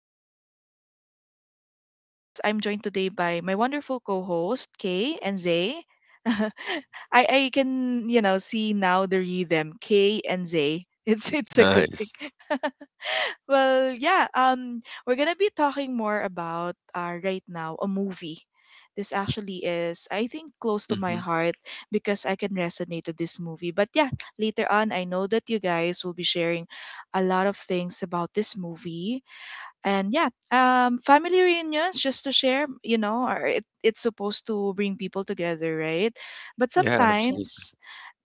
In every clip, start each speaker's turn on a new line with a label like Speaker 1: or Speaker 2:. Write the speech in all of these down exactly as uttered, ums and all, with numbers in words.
Speaker 1: so glad you're here. And of course, I'm joined today by my wonderful co-host, Kay and Zay. I I can, you know, see now the rhythm, K and Zay. It's it's a good
Speaker 2: Nice.
Speaker 1: thing. Well, yeah, um we're going to be talking more about uh right now a movie. This actually is, I think, close to my
Speaker 2: hmm
Speaker 1: heart because I can resonate to this movie. But yeah, later on, I know that you guys will be sharing a lot of things about this movie. And yeah, um, family reunions, just to share, you know, are, it, it's supposed to bring people together, right? But
Speaker 2: Yeah,
Speaker 3: Yes.
Speaker 2: absolutely.
Speaker 1: sometimes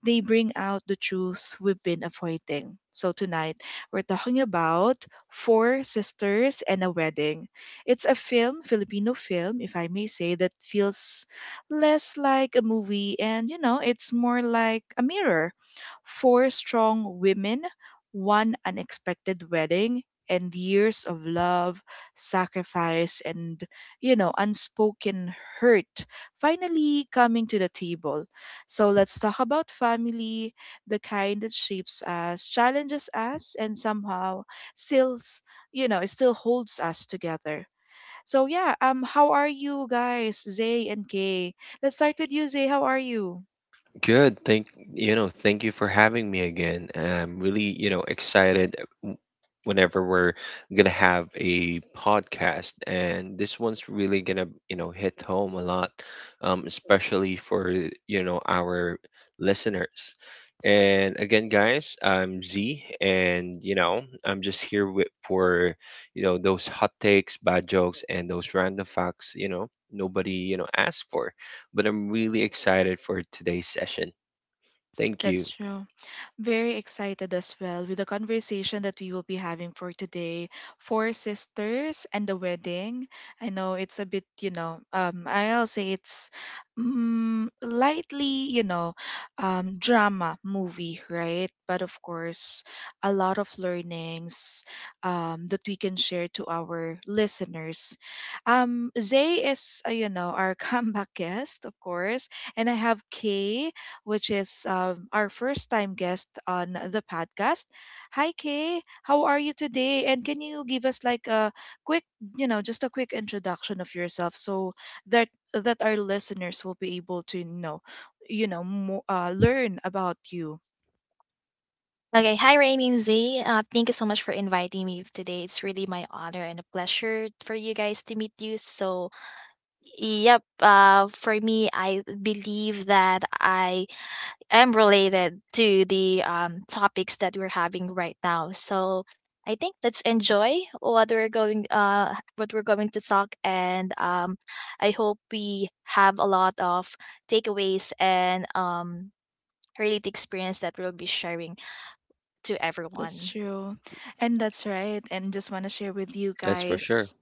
Speaker 1: they bring out the truth we've been avoiding. So tonight, we're talking about Four Sisters and a Wedding. It's a film, Filipino film, if I may say, that feels less like a movie and, you know, it's more like a mirror. Four strong women, one unexpected wedding, and years of love, sacrifice, and, you know, unspoken hurt finally coming to the table. So let's talk about family, the kind that shapes us, challenges us, and somehow still, s- you know, it still holds us together. So yeah, um, how are you guys, Zay and Kay? Let's start with you, Zay. How are you?
Speaker 2: Good. Thank you know, thank you for having me again. I'm really, you know, excited w- whenever we're gonna have a podcast, and this one's really gonna, you know, hit home a lot, um, especially for, you know, our listeners. And again, guys, I'm Z, and you know, I'm just here with for, you know, those hot takes, bad jokes and those random facts, you know, nobody, you know, asked for, but I'm really excited for today's session. Thank you.
Speaker 1: That's true. Very excited as well with the conversation that we will be having for today. Four sisters and the wedding. I know it's a bit, you know, um, I'll say it's mm, lightly, you know, um, drama movie, right? But of course, a lot of learnings um, that we can share to our listeners. Um, Zay is, uh, you know, our comeback guest, of course, and I have Kay, which is, um, our first time guest on the podcast. Hi, Kay. How are you today? And can you give us like a quick, you know, just a quick introduction of yourself so that that our listeners will be able to know, you know, mo- uh, learn about you.
Speaker 3: Okay. Hi, Rainy and Z. Uh, thank you so much for inviting me today. It's really my honor and a pleasure for you guys to meet you. So, yep. Uh, for me, I believe that I am related to the um topics that we're having right now. So, I think let's enjoy what we're going uh what we're going to talk and um I hope we have a lot of takeaways and um related experience that we'll be sharing to
Speaker 1: That's
Speaker 3: everyone.
Speaker 1: true. And that's right. And just want to share with you
Speaker 2: That's for sure.
Speaker 1: guys.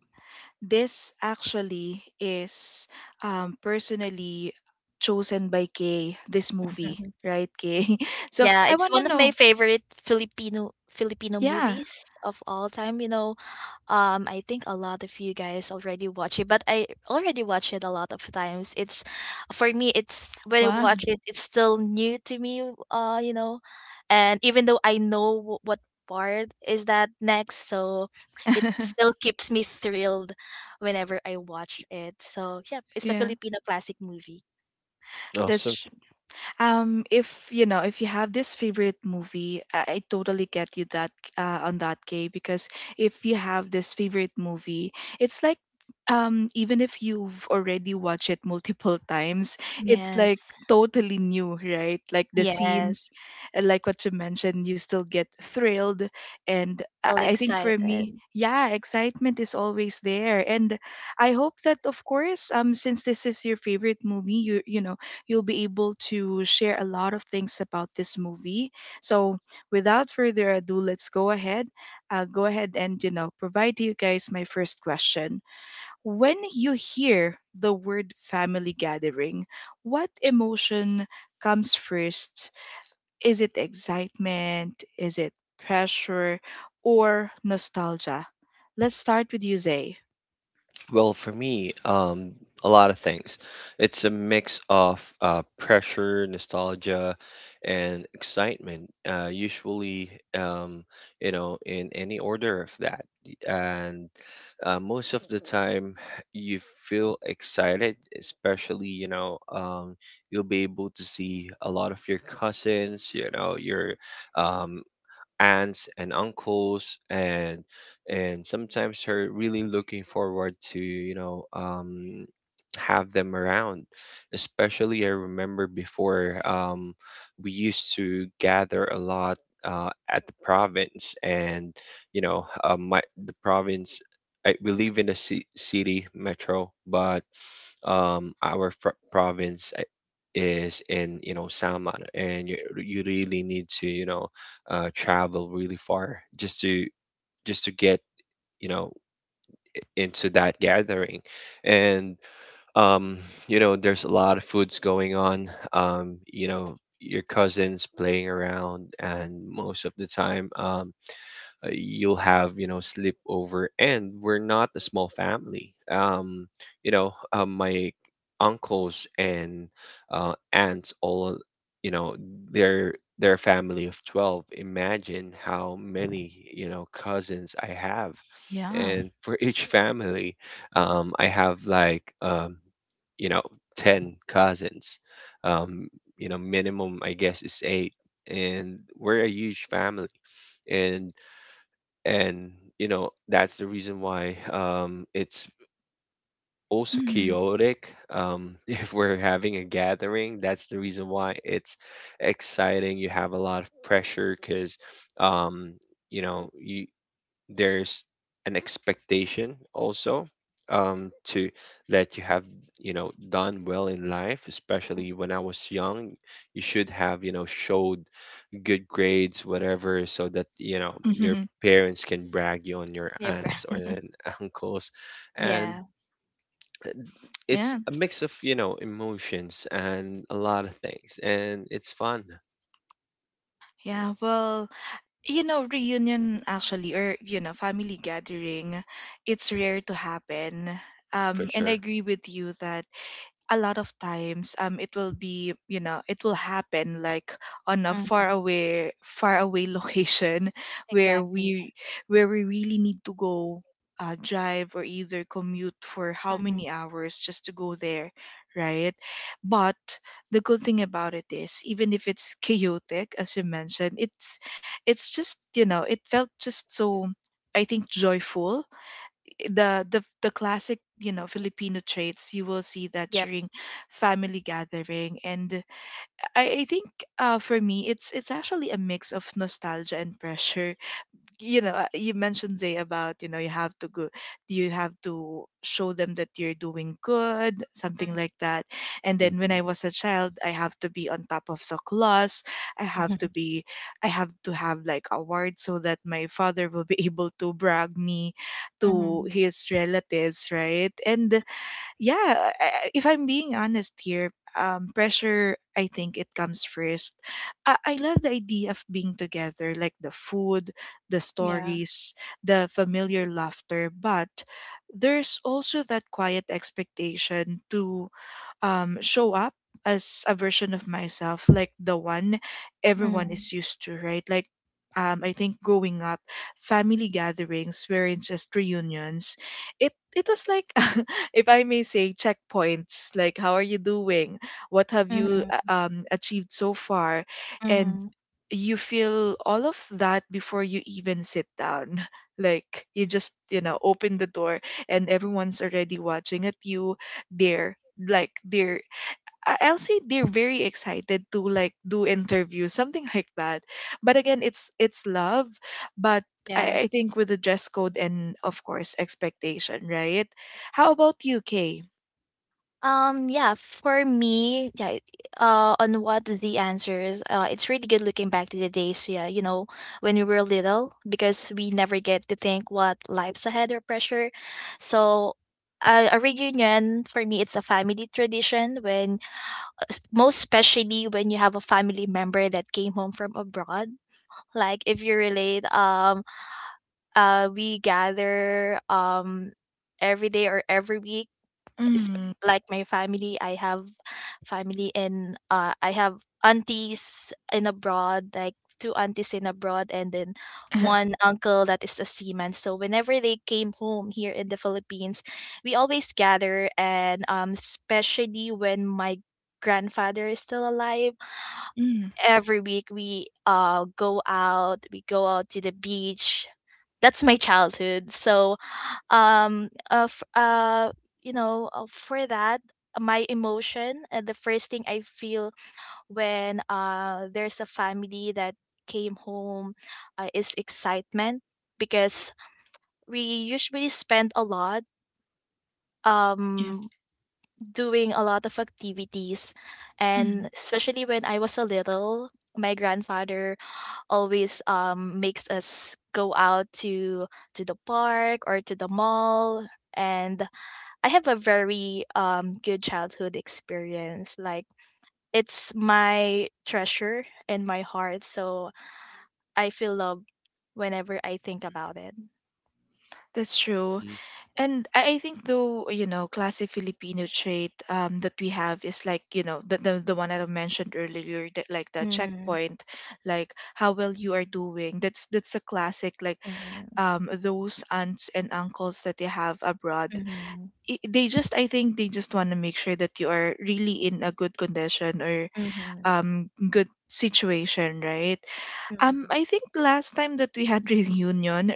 Speaker 1: This actually is, um, personally chosen by Kay, this movie,
Speaker 3: Mhm.
Speaker 1: right, Kay? So
Speaker 3: Yeah,
Speaker 1: I
Speaker 3: it's
Speaker 1: want to
Speaker 3: one of
Speaker 1: know.
Speaker 3: my favorite Filipino Filipino
Speaker 1: Yeah.
Speaker 3: movies of all time, you know. Um, I think a lot of you guys already watch it, but I already watch it a lot of times. It's for me, it's when I
Speaker 1: Wow.
Speaker 3: watch it, it's still new to me, uh, you know. And even though I know wh- what part is that next, so it still keeps me thrilled whenever I watch it. So, yeah, it's a
Speaker 1: Yeah.
Speaker 3: Filipino classic movie.
Speaker 2: Awesome.
Speaker 1: That's Um, if you know, if you have this favorite movie, I, I totally get you that uh, on that, Kay, because if you have this favorite movie, it's like, um even if you've already watched it multiple times, it's like
Speaker 3: Yes.
Speaker 1: totally new, right? Like the
Speaker 3: Yes.
Speaker 1: scenes, uh, like what you mentioned, you still get thrilled, and I
Speaker 3: Still
Speaker 1: I think for me,
Speaker 3: excited.
Speaker 1: yeah, excitement is always there. And I hope that, of course, um, since this is your favorite movie, you you know you'll be able to share a lot of things about this movie. So, without further ado, let's go ahead. Uh, go ahead and you know provide to you guys my first question. When you hear the word family gathering, what emotion comes first? Is it excitement? Is it pressure or nostalgia? Let's start with you, Zay.
Speaker 2: Well, for me, um, a lot of things. It's a mix of uh, pressure, nostalgia, and excitement. Uh, usually, um, you know, in any order of that. And uh, most of the time, you feel excited, especially, you know, um, you'll be able to see a lot of your cousins, you know, your um, aunts and uncles, and and sometimes her really looking forward to, you know, um, have them around, especially, I remember before, um, we used to gather a lot uh, at the province. And you know, uh, my the province, I, we live in a ci- city metro, but um, our fr- province uh, is in, you know, Salmon, and you you really need to, you know, uh, travel really far just to just to get, you know, into that gathering. And um, you know, there's a lot of foods going on. Um, you know, your cousins playing around, and most of the time. Um, uh, you'll have, you know, sleepover, and we're not a small family. Um you know, uh, my uncles and uh, aunts all, you know, their their family of twelve, imagine how many, you know, cousins I have.
Speaker 1: Yeah.
Speaker 2: And for each family, um I have like, um you know, ten cousins, um you know, minimum I guess is eight. And we're a huge family, and and you know, that's the reason why, um, it's also
Speaker 1: Mhm.
Speaker 2: chaotic, um, if we're having a gathering. That's the reason why it's exciting. You have a lot of pressure because, um, you know, you, there's an expectation also, um, to that you have, you know, done well in life,
Speaker 3: Mm,
Speaker 2: especially when I was young. You should have, you know, showed good grades, whatever, so that, you know, your parents can brag you on your
Speaker 3: yeah, br
Speaker 2: aunts or an uncles, and
Speaker 3: yeah,
Speaker 2: it's
Speaker 1: Yeah.
Speaker 2: a mix of, you know, emotions and a lot of things, and it's fun
Speaker 1: Yeah. Well, you know, reunion actually, or, you know, family gathering, it's rare to happen.
Speaker 2: for
Speaker 1: Um, and I
Speaker 2: sure.
Speaker 1: agree with you that a lot of times um it will be you know it will happen like on a far
Speaker 3: mhm,
Speaker 1: away far away location where
Speaker 3: exactly,
Speaker 1: we where we really need to go, uh, drive or either commute for how
Speaker 3: mhm,
Speaker 1: many hours just to go there, right? But the good thing about it is, even if it's chaotic as you mentioned, it's it's just, you know it felt just so, I think, joyful. The the the classic, you know Filipino traits you will see that
Speaker 3: yep,
Speaker 1: during family gathering. And I, I think, uh, for me, it's it's actually a mix of nostalgia and pressure. You know uh, you mentioned, Zay, about, you know you have to go, you have to show them that you're doing good, something
Speaker 3: mhm,
Speaker 1: like that. And then when
Speaker 2: hmm
Speaker 1: I was a child, I have to be on top of the class. I have to be I have to have like awards so that my father will be able to brag me to
Speaker 3: mhm,
Speaker 1: his relatives, right? And yeah, I- I- if I'm being honest here, um, pressure, I think, it comes first. I, I love the idea of being together, like the food, the
Speaker 3: yeah,
Speaker 1: stories, the familiar laughter. But there's also that quiet expectation to, um, show up as a version of myself, like the one everyone
Speaker 3: mhm,
Speaker 1: is used to, right? Like, um, I think growing up, family gatherings weren't just reunions. It it was like, if I may say, checkpoints. Like, how are you doing? What have you, uh,
Speaker 3: mhm,
Speaker 1: um, achieved so far? And
Speaker 3: mhm,
Speaker 1: you feel all of that before you even sit down. Like you just, you know open the door and everyone's already watching at you. They're like they're I- I'll say they're very excited to like do interviews, something like that. But again, it's it's love, but
Speaker 3: yeah.
Speaker 1: I, I think with the dress code and, of course, expectation, right? How about you, Kay?
Speaker 3: Um, yeah, for me, yeah, uh, on what the answers, uh, it's really good looking back to the days, yeah, you know, when we were little, because we never get to think what life's ahead or pressure. So, uh, a reunion for me, it's a family tradition when, uh, s- most especially when you have a family member that came home from abroad like if you relate um uh we gather um every day or every week, esp-
Speaker 1: Mm.
Speaker 3: like my family. I have family in uh I have aunties in abroad, like two aunties in abroad, and then one uncle that is a seaman. So whenever they came home here in the Philippines, we always gather. And um especially when my grandfather is still alive,
Speaker 1: Mm.
Speaker 3: every week we uh go out, we go out to the beach. That's my childhood. So um uh, f- uh you know, uh, for that, my emotion, uh, the first thing I feel when uh there's a family that came home, uh, is excitement, because we usually spend a lot
Speaker 1: Yeah.
Speaker 3: um doing a lot of activities.
Speaker 1: Mm.
Speaker 3: And especially when I was a little, my grandfather always um, makes us go out to to the park or to the mall. And I have a very um, good childhood experience, like it's my treasure in my heart. So I feel love whenever I think about it.
Speaker 1: That's true. And I I think, though, you know, classic Filipino trait, um, that we have is like, you know, the, the, the one that I mentioned earlier, that like the
Speaker 3: Mhm,
Speaker 1: checkpoint, like how well you are doing. That's that's a classic, like,
Speaker 3: mhm,
Speaker 1: um, those aunts and uncles that they have abroad.
Speaker 3: mhm,
Speaker 1: i- They just, I think, they just want to make sure that you are really in a good condition or,
Speaker 3: mhm,
Speaker 1: um, good situation, right? Um,
Speaker 3: mhm,
Speaker 1: I think last time that we had reunion,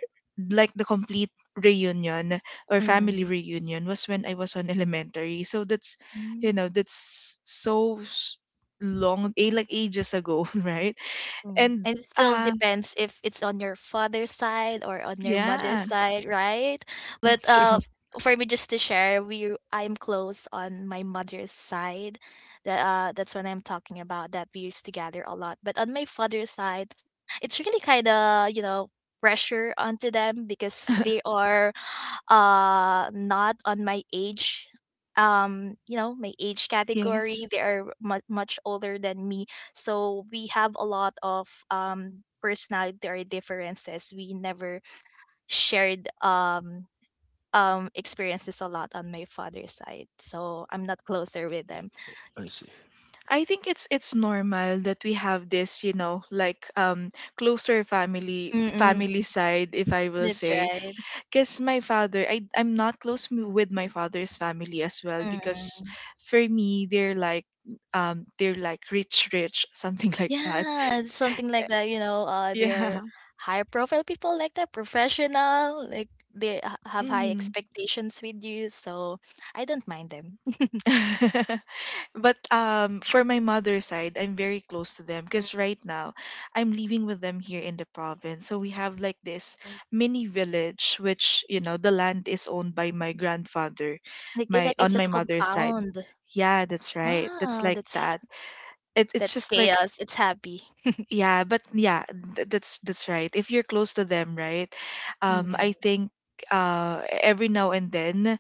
Speaker 1: like the complete reunion or family
Speaker 3: mhm,
Speaker 1: reunion, was when I was on elementary. So that's, you
Speaker 3: mhm.
Speaker 1: know, that's so s- long, eh, like ages ago, right?
Speaker 3: Mm.
Speaker 1: And,
Speaker 3: And it still
Speaker 1: uh,
Speaker 3: depends if it's on your father's side or on your mother's
Speaker 1: yeah,
Speaker 3: side, right? But
Speaker 1: that's
Speaker 3: uh,
Speaker 1: true.
Speaker 3: for me, just to share, we I'm close on my mother's side. That uh, that's when I'm talking about that we used to gather a lot. But on my father's side, it's really kind of you know pressure onto them because they are uh not on my age, um you know, my age category.
Speaker 1: Yes.
Speaker 3: They are much much older than me, so we have a lot of um personality or differences. We never shared um um experiences a lot on my father's side. So I'm not closer with them.
Speaker 2: I see.
Speaker 1: I think it's it's normal that we have this, you know, like um closer family family
Speaker 3: Mm-mm.
Speaker 1: side, if I will
Speaker 3: That's
Speaker 1: say,
Speaker 3: right.
Speaker 1: because my father I, i'm not close m- with my father's family as well because
Speaker 3: Mm-mm.
Speaker 1: for me they're like um they're like rich rich something like that.
Speaker 3: Yeah, something like that, you know, uh they're
Speaker 1: Yeah.
Speaker 3: high profile people like that, professional, like they ha- have high
Speaker 1: Mm.
Speaker 3: expectations with you, so I don't mind them.
Speaker 1: but um for my mother's side, I'm very close to them
Speaker 3: Mm.
Speaker 1: because right now I'm living with them here in the province. So we have like this mini village, which, you know the land is owned by my grandfather,
Speaker 3: Like, it-
Speaker 1: my
Speaker 3: like it's
Speaker 1: on
Speaker 3: a
Speaker 1: my mother's side.
Speaker 3: compound.
Speaker 1: Yeah, that's right. That's
Speaker 3: Wow,
Speaker 1: like
Speaker 3: that's
Speaker 1: that. It, it's
Speaker 3: That's
Speaker 1: just like,
Speaker 3: chaos. It's happy.
Speaker 1: yeah, but yeah, th- that's that's right if you're close to them, right? um
Speaker 3: Yeah.
Speaker 1: i think uh every now and then,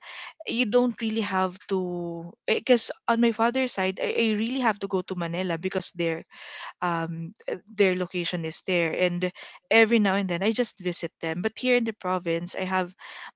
Speaker 1: you don't really have to, because on my father's side, I, I really have to go to Manila because they're um, uh, their location is there. And every now and then, I just visit them. But here in the province, I have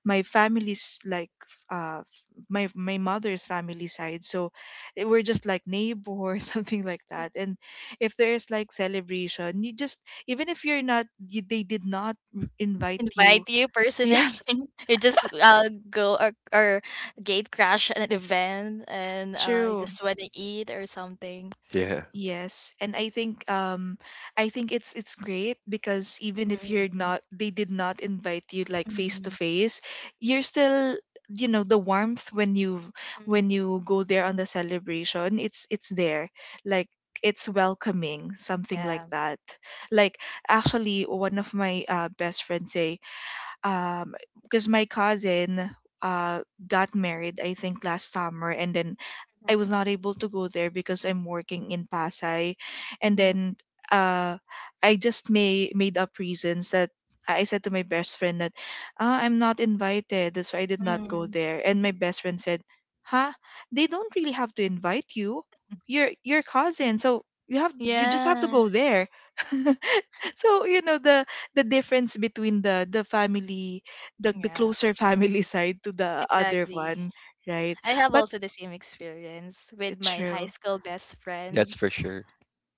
Speaker 1: my family's like uh, my my mother's family side, so, eh, we're just like neighbor or something like that. And if there's like celebration, you just, even if you're not, y- they did not invite you.
Speaker 3: Invite you
Speaker 1: Yeah,
Speaker 3: personally. you just uh go, or, or gate crash at an event, and uh you
Speaker 1: true.
Speaker 3: just want to eat or something.
Speaker 2: Yeah,
Speaker 1: Yes, and I think, um I think it's it's great because even if you're
Speaker 3: Mm-hmm.
Speaker 1: not, they did not invite you like face to
Speaker 3: Mm-hmm.
Speaker 1: face, you're still, you know the warmth when you
Speaker 3: Hmm.
Speaker 1: when you go there on the celebration, it's it's there. Like, it's welcoming, something like
Speaker 3: Yeah.
Speaker 1: that. Like, actually, one of my, uh, best friends say, um because my cousin, uh got married, I think, last summer. And then I was not able to go there because I'm working in Pasay, and
Speaker 3: Mm-hmm.
Speaker 1: then, uh I just may made up reasons that I said to my best friend. That, ah, I'm not invited. That's why I did not go
Speaker 3: Mm-hmm.
Speaker 1: there. And my best friend said, huh, they don't really have to invite you. You're your cousin, so you have you just have to
Speaker 3: Yeah.
Speaker 1: go there. So, you know the the difference between the the family, the the
Speaker 3: Yeah.
Speaker 1: closer family side to the other
Speaker 3: Exactly.
Speaker 1: one, right?
Speaker 3: I have
Speaker 1: But
Speaker 3: also the same experience with
Speaker 1: it's
Speaker 3: my high
Speaker 1: true.
Speaker 3: school best friend.
Speaker 2: that's for sure.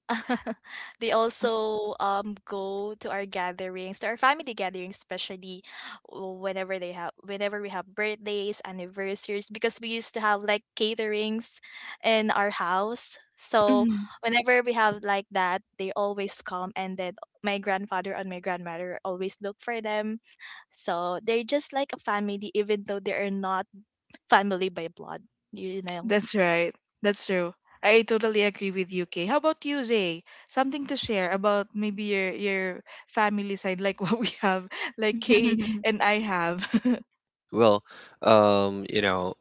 Speaker 3: They also um go to our gatherings, to our family gatherings, especially whenever they have whenever we have birthdays, anniversaries, because we used to have like caterings in our house. So
Speaker 1: Mhm.
Speaker 3: whenever we have like that, they always come, and then my grandfather and my grandmother always look for them. So they're just like a family even though they are not family by blood, you know.
Speaker 1: That's right. That's true. I totally agree with you, Kay. How about you, Zay? Something to share about, maybe, your your family side, like what we have, like Kay and I have.
Speaker 2: Well, um, you know,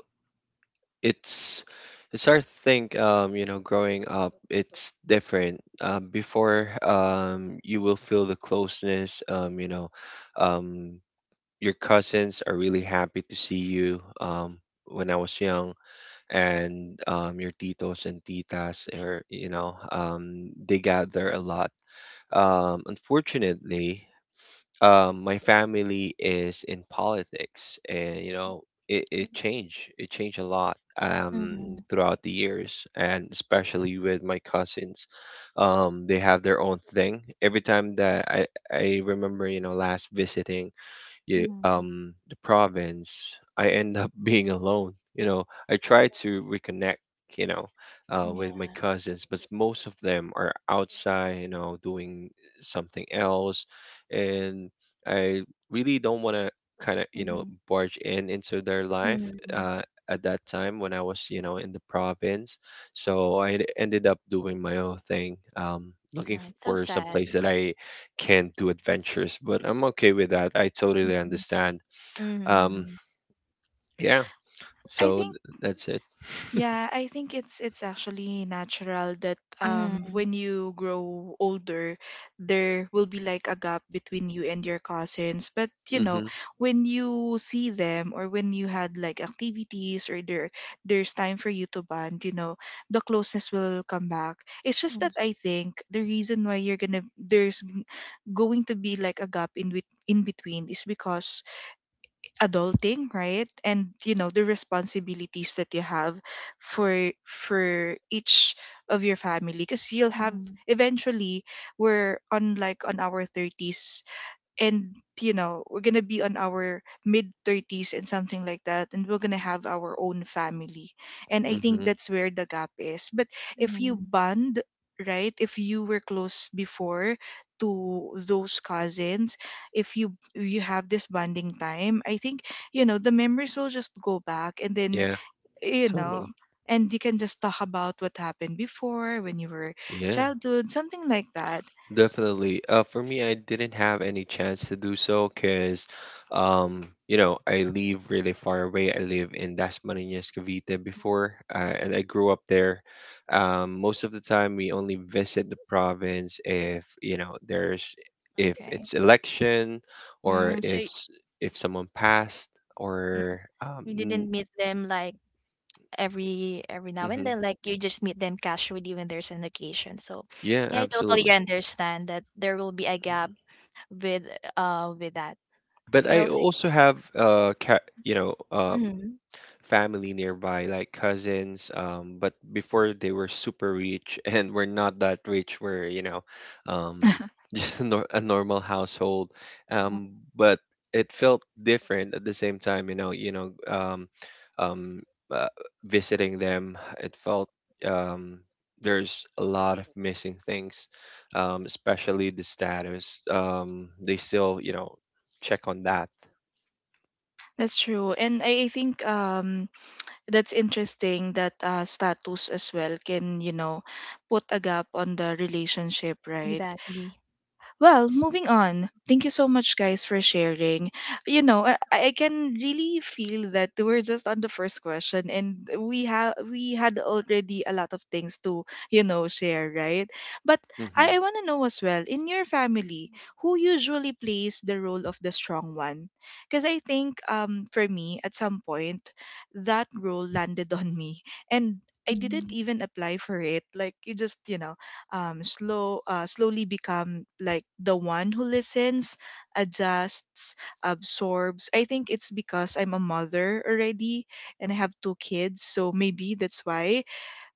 Speaker 2: it's it's hard to think, um, you know, growing up, it's different. Um, before, um, you will feel the closeness, um, you know, um, your cousins are really happy to see you, um, when I was young. And um, your titos and titas, or you know, um, they gather a lot. Um, unfortunately, um, my family is in politics, and you know, it, it changed it changed a lot
Speaker 3: Mm,
Speaker 2: um,
Speaker 3: mhm,
Speaker 2: throughout the years, and especially with my cousins. Um, they have their own thing. Every time that I, I remember, you know, last visiting, yeah,
Speaker 3: mhm.
Speaker 2: um, the province, I end up being alone. You know, I try to reconnect, you know, uh,
Speaker 3: Yeah,
Speaker 2: with my cousins, but most of them are outside, you know, doing something else, and I really don't want to, kind of, you know,
Speaker 3: mhm,
Speaker 2: barge in into their life.
Speaker 3: mhm.
Speaker 2: Uh, at that time when I was, you know, in the province, so I ended up doing my own thing, um, looking
Speaker 3: Yeah, it's so
Speaker 2: for some place
Speaker 3: sad.
Speaker 2: that I can do adventures, but I'm okay with that. I totally
Speaker 3: Mhm,
Speaker 2: understand. Um,
Speaker 3: mhm,
Speaker 2: yeah,
Speaker 1: I
Speaker 2: so
Speaker 1: think
Speaker 2: th- that's it.
Speaker 1: Yeah, I think it's it's actually natural that, um
Speaker 3: mhm,
Speaker 1: when you grow older, there will be like a gap between you and your cousins. But, you know,
Speaker 2: Mm-hmm.
Speaker 1: when you see them or when you had like activities or there there's time for you to bond, you know, the closeness will come back. It's just
Speaker 3: mhm,
Speaker 1: that I think the reason why you're gonna there's going to be like a gap in with in between is because adulting, right? And you know the responsibilities that you have for for each of your family, because you'll have
Speaker 3: mhm,
Speaker 1: eventually. We're on like on our thirties, and you know we're gonna be on our mid thirties and something like that, and we're gonna have our own family. And I think
Speaker 2: Mm-hmm.
Speaker 1: that's where the gap is. But if you
Speaker 3: mhm.
Speaker 1: bond, right? If you were close before to those cousins, if you you have this bonding time, I think you know the memories will just go back. And then
Speaker 2: Yeah,
Speaker 1: you know,
Speaker 2: totally.
Speaker 1: and you can just talk about what happened before when you were
Speaker 2: Yeah.
Speaker 1: childhood, something like that.
Speaker 2: Definitely. Uh, for me, I didn't have any chance to do so because, um, you know, I live really far away. I live in Las Marinas, Cavite
Speaker 3: Mm,
Speaker 2: before, uh, and I grew up there. Um, most of the time, we only visit the province if, you know, there's if
Speaker 3: Okay.
Speaker 2: it's election, or
Speaker 3: Mm, so
Speaker 2: if
Speaker 3: y-
Speaker 2: s- if someone passed,
Speaker 3: mm,
Speaker 2: or
Speaker 3: you
Speaker 2: um,
Speaker 3: didn't meet them like every every now and
Speaker 2: mm-hmm.
Speaker 3: then, like you just meet them casually when there's an occasion. So,
Speaker 2: Yeah,
Speaker 3: yeah, I totally
Speaker 2: absolutely.
Speaker 3: understand that there will be a gap with uh with that.
Speaker 2: But
Speaker 3: I
Speaker 2: I
Speaker 3: also ex-
Speaker 2: also have uh, ca- you know, um.
Speaker 3: mhm,
Speaker 2: family nearby, like cousins. Um, but before they were super rich, and we're not that rich. We're, you know, um, just a, nor- a normal household. Um,
Speaker 3: mhm,
Speaker 2: but it felt different at the same time. You know, you know, um, um, uh, visiting them, it felt, um, there's a lot of missing things, um, especially the status. Um, they still, you know, check on that.
Speaker 1: That's true. And I I think um that's interesting that uh, status as well can, you know, put a gap on the relationship, right?
Speaker 3: exactly.
Speaker 1: Well,
Speaker 3: S-
Speaker 1: moving on. Thank you so much, guys, for sharing. You know, I, I can really feel that we're just on the first question, and we have we had already a lot of things to you know share, right? But
Speaker 2: hmm
Speaker 1: I, I want to know as well, in your family, who usually plays the role of the strong one? Because I think um for me, at some point, that role landed on me, and I didn't
Speaker 3: mhm.
Speaker 1: even apply for it. Like you just you know um, slow uh, slowly become like the one who listens, adjusts, absorbs. I think it's because I'm a mother already and I have two kids, so maybe that's why.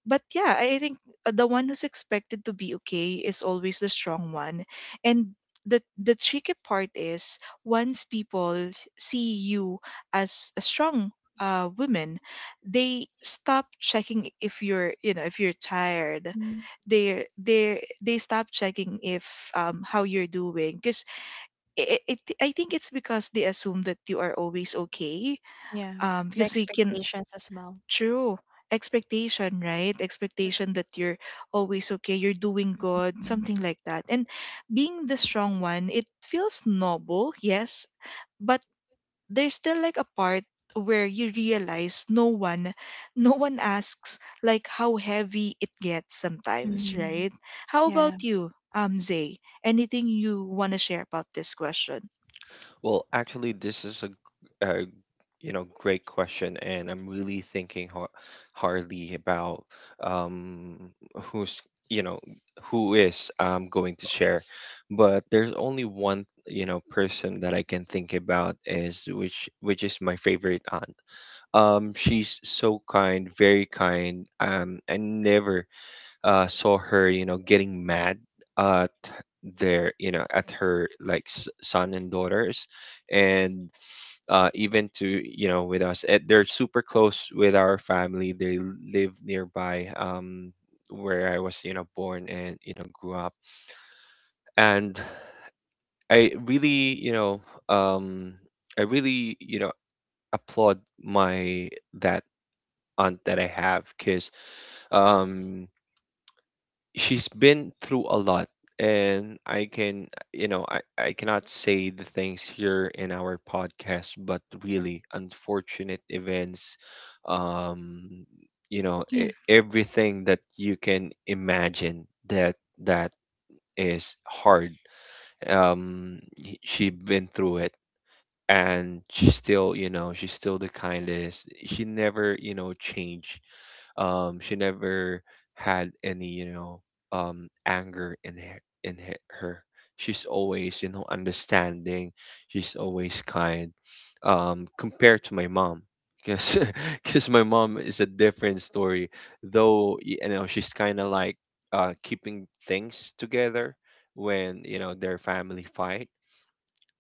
Speaker 1: But yeah, I I think uh, the one who's expected to be okay is always the strong one. And the the tricky part is once people see you as a strong uh, woman, they stop checking if you're, you know, if you're tired. They they they stop checking if um how you're doing, because it, it I think it's because they assume that you are always okay,
Speaker 3: Yeah,
Speaker 1: um
Speaker 3: the
Speaker 1: because they can.
Speaker 3: expectations as well.
Speaker 1: True. Expectation, right? Expectation that you're always okay, you're doing good,
Speaker 3: Mhm.
Speaker 1: something like that. And being the strong one, it feels noble, yes, but there's still like a part where you realize no one no one asks like how heavy it gets sometimes,
Speaker 3: Mhm.
Speaker 1: right? How about
Speaker 3: Yeah.
Speaker 1: you, um, Zay? Anything you want to share about this question?
Speaker 2: Well, actually, this is a a you know, great question, and I'm really thinking ho hardly about, um, who's, you know, who is, um, going to share. But there's only one, you know, person that I can think about is, which which is my favorite aunt. Um, she's so kind, very kind. Um, I never uh, saw her, you know, getting mad. Uh, there, you know, at her like s- son and daughters, and uh even to, you know, with us. Eh, they're super close with our family. They l- live nearby, um where I was, you know, born and, you know, grew up. And I really, you know um I really, you know, applaud my that aunt that I have because, um she's been through a lot, and I can, you know, I, I cannot say the things here in our podcast, but really unfortunate events, um you know,
Speaker 1: Yeah.
Speaker 2: e- everything that you can imagine that that is hard. um she's been through it, and she's still, you know, she's still the kindest. She never, you know, changed. um she never had any, you know, um anger in her, in he- her. She's always, you know, understanding. She's always kind, um compared to my mom because because my mom is a different story, though, you know. She's kind of like, uh keeping things together when, you know, their family fight.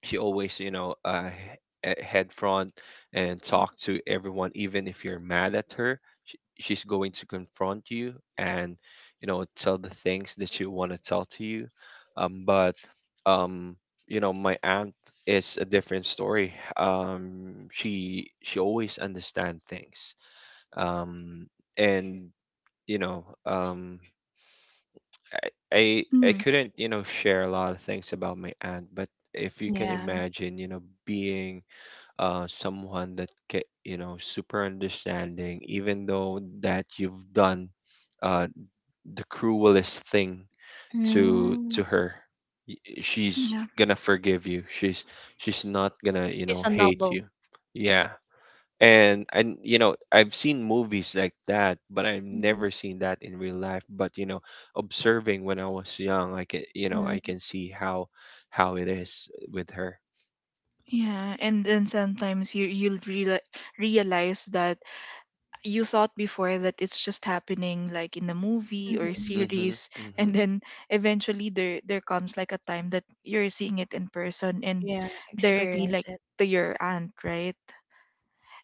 Speaker 2: She always, you know, uh he- he- head front and
Speaker 3: Mhm.
Speaker 2: talk to everyone even if you're mad at her. Sh- she's going to confront you and, you know, tell the things that you want to tell to you, um but, um you know, my aunt is a different story. um she she always understand things, um and, you know, um I I I
Speaker 1: Mm,
Speaker 2: couldn't, you know, share a lot of things about my aunt, but if you can
Speaker 3: Yeah.
Speaker 2: imagine, you know, being uh someone that ca you know, super understanding, even though that you've done uh the cruelest thing to
Speaker 3: Mm.
Speaker 2: to her, she's
Speaker 1: yeah.
Speaker 2: gonna forgive you. She's she's not gonna, you
Speaker 3: It's
Speaker 2: know,
Speaker 3: a
Speaker 2: hate
Speaker 3: novel.
Speaker 2: you. Yeah, and and you know, I've seen movies like that, but I've
Speaker 3: Mhm.
Speaker 2: never seen that in real life. But you know, observing when I was young, I can, you know, I
Speaker 3: Mhm.
Speaker 2: can see how how it is with her.
Speaker 1: Yeah, and then sometimes you you'll reali realize that you thought before that it's just happening like in a movie or
Speaker 3: Mhm.
Speaker 2: Mm-hmm,
Speaker 1: series, and
Speaker 2: mm-hmm.
Speaker 1: then eventually there there comes like a time that you're seeing it in person and
Speaker 3: Yeah,
Speaker 1: directly
Speaker 3: experience
Speaker 1: like
Speaker 3: it.
Speaker 1: to your aunt, right?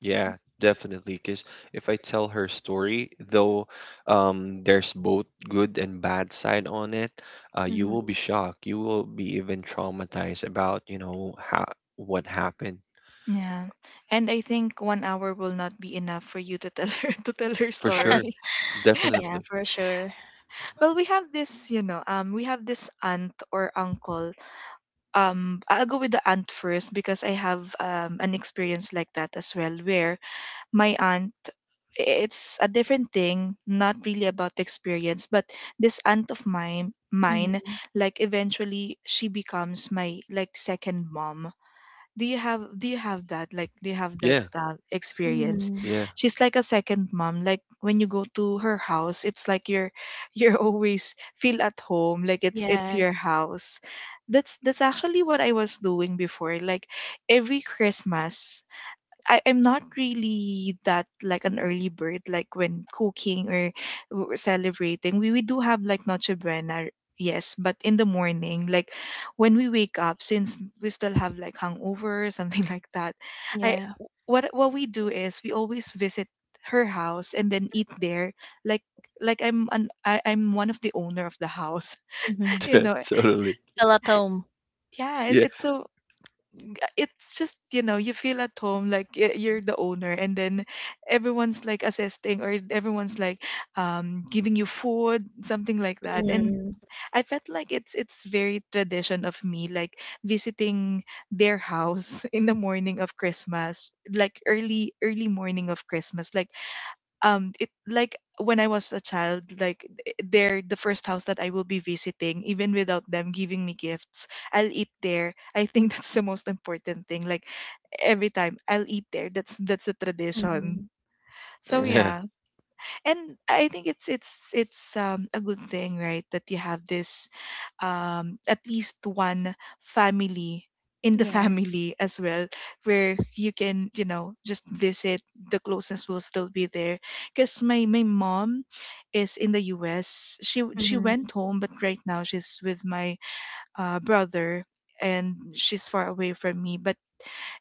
Speaker 2: Yeah, definitely. Because if I tell her story, though, um there's both good and bad side on it. Uh, you will
Speaker 3: Mhm.
Speaker 2: be shocked. You will be even traumatized about, you know, how what happened.
Speaker 1: Yeah, and I think one hour will not be enough for you to tell her to tell her
Speaker 2: For sure.
Speaker 1: story.
Speaker 3: Yeah,
Speaker 2: Definitely.
Speaker 3: for sure.
Speaker 1: Well, we have this, you know, um we have this aunt or uncle. um I'll go with the aunt first because I have um an experience like that as well, where my aunt, it's a different thing, not really about the experience, but this aunt of mine mine,
Speaker 3: Mhm.
Speaker 1: like eventually she becomes my like second mom. Do you have, do you have that like, do you have that
Speaker 2: Yeah.
Speaker 1: uh, experience?
Speaker 3: Mhm.
Speaker 2: Yeah.
Speaker 1: She's like a second mom. Like when you go to her house, it's like you're you're always feel at home, like it's it's your
Speaker 3: Yes.
Speaker 1: house. That's that's actually what I was doing before. Like every Christmas, I, I'm not really that like an early bird, like when cooking or w- celebrating. We, we do have like Noche Buena, yes, but in the morning, like when we wake up, since we still have like hangover or something like that, I,
Speaker 3: Yeah.
Speaker 1: what what we do is we always visit her house and then eat there, like like I'm an I, I'm one of the owner of the house,
Speaker 3: Mhm.
Speaker 1: you know.
Speaker 2: Totally.
Speaker 3: Feel at home.
Speaker 1: Yeah, it,
Speaker 2: Yeah.
Speaker 1: it's so, it's just you know you feel at home like y- you're the owner, and then everyone's like assisting, or everyone's like um giving you food, something like that. And
Speaker 3: Mhm.
Speaker 1: I felt like it's it's very tradition of me, like visiting their house in the morning of Christmas, like early early morning of Christmas, like um it, like when I was a child, like they're the first house that I will be visiting, even without them giving me gifts. I'll eat there. I think that's the most important thing. Like every time I'll eat there. That's that's a tradition.
Speaker 3: Mhm.
Speaker 1: So
Speaker 2: Yeah.
Speaker 1: yeah. And I think it's it's it's um a good thing, right, that you have this um at least one family in the
Speaker 3: Yes.
Speaker 1: family as well, where you can, you know, just visit. The closeness will still be there, because my my mom is in the U S. She w- she
Speaker 3: Mhm.
Speaker 1: went home, but right now she's with my uh brother, and she's far away from me. But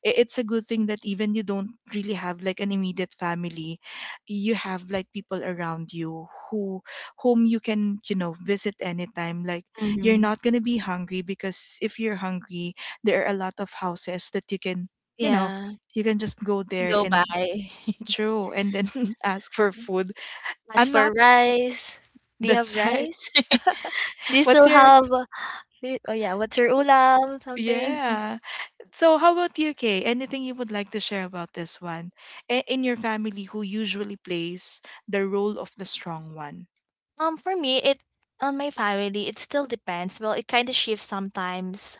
Speaker 1: i- it's a good thing that even you don't really have like an immediate family, you have like people around you who, whom you can, you know, visit anytime. Like you're
Speaker 3: Mhm.
Speaker 1: not going to be hungry, because if you're hungry, there are a lot of houses that you can, you know,
Speaker 3: Yeah.
Speaker 1: you can just go there
Speaker 3: Go
Speaker 1: and,
Speaker 3: by.
Speaker 1: true, and then ask for food.
Speaker 3: As
Speaker 1: I'm
Speaker 3: for
Speaker 1: not,
Speaker 3: rice, do you have
Speaker 1: that's right.
Speaker 3: rice? Do you
Speaker 1: What's
Speaker 3: still
Speaker 1: your,
Speaker 3: have? Di oh yeah, what's your ulam? Something.
Speaker 1: yeah. So, how about you, Kay? Anything you would like to share about this one? A- In your family, who usually plays the role of the strong one?
Speaker 3: Um, for me, it on my family, it still depends. Well, it kind of shifts sometimes.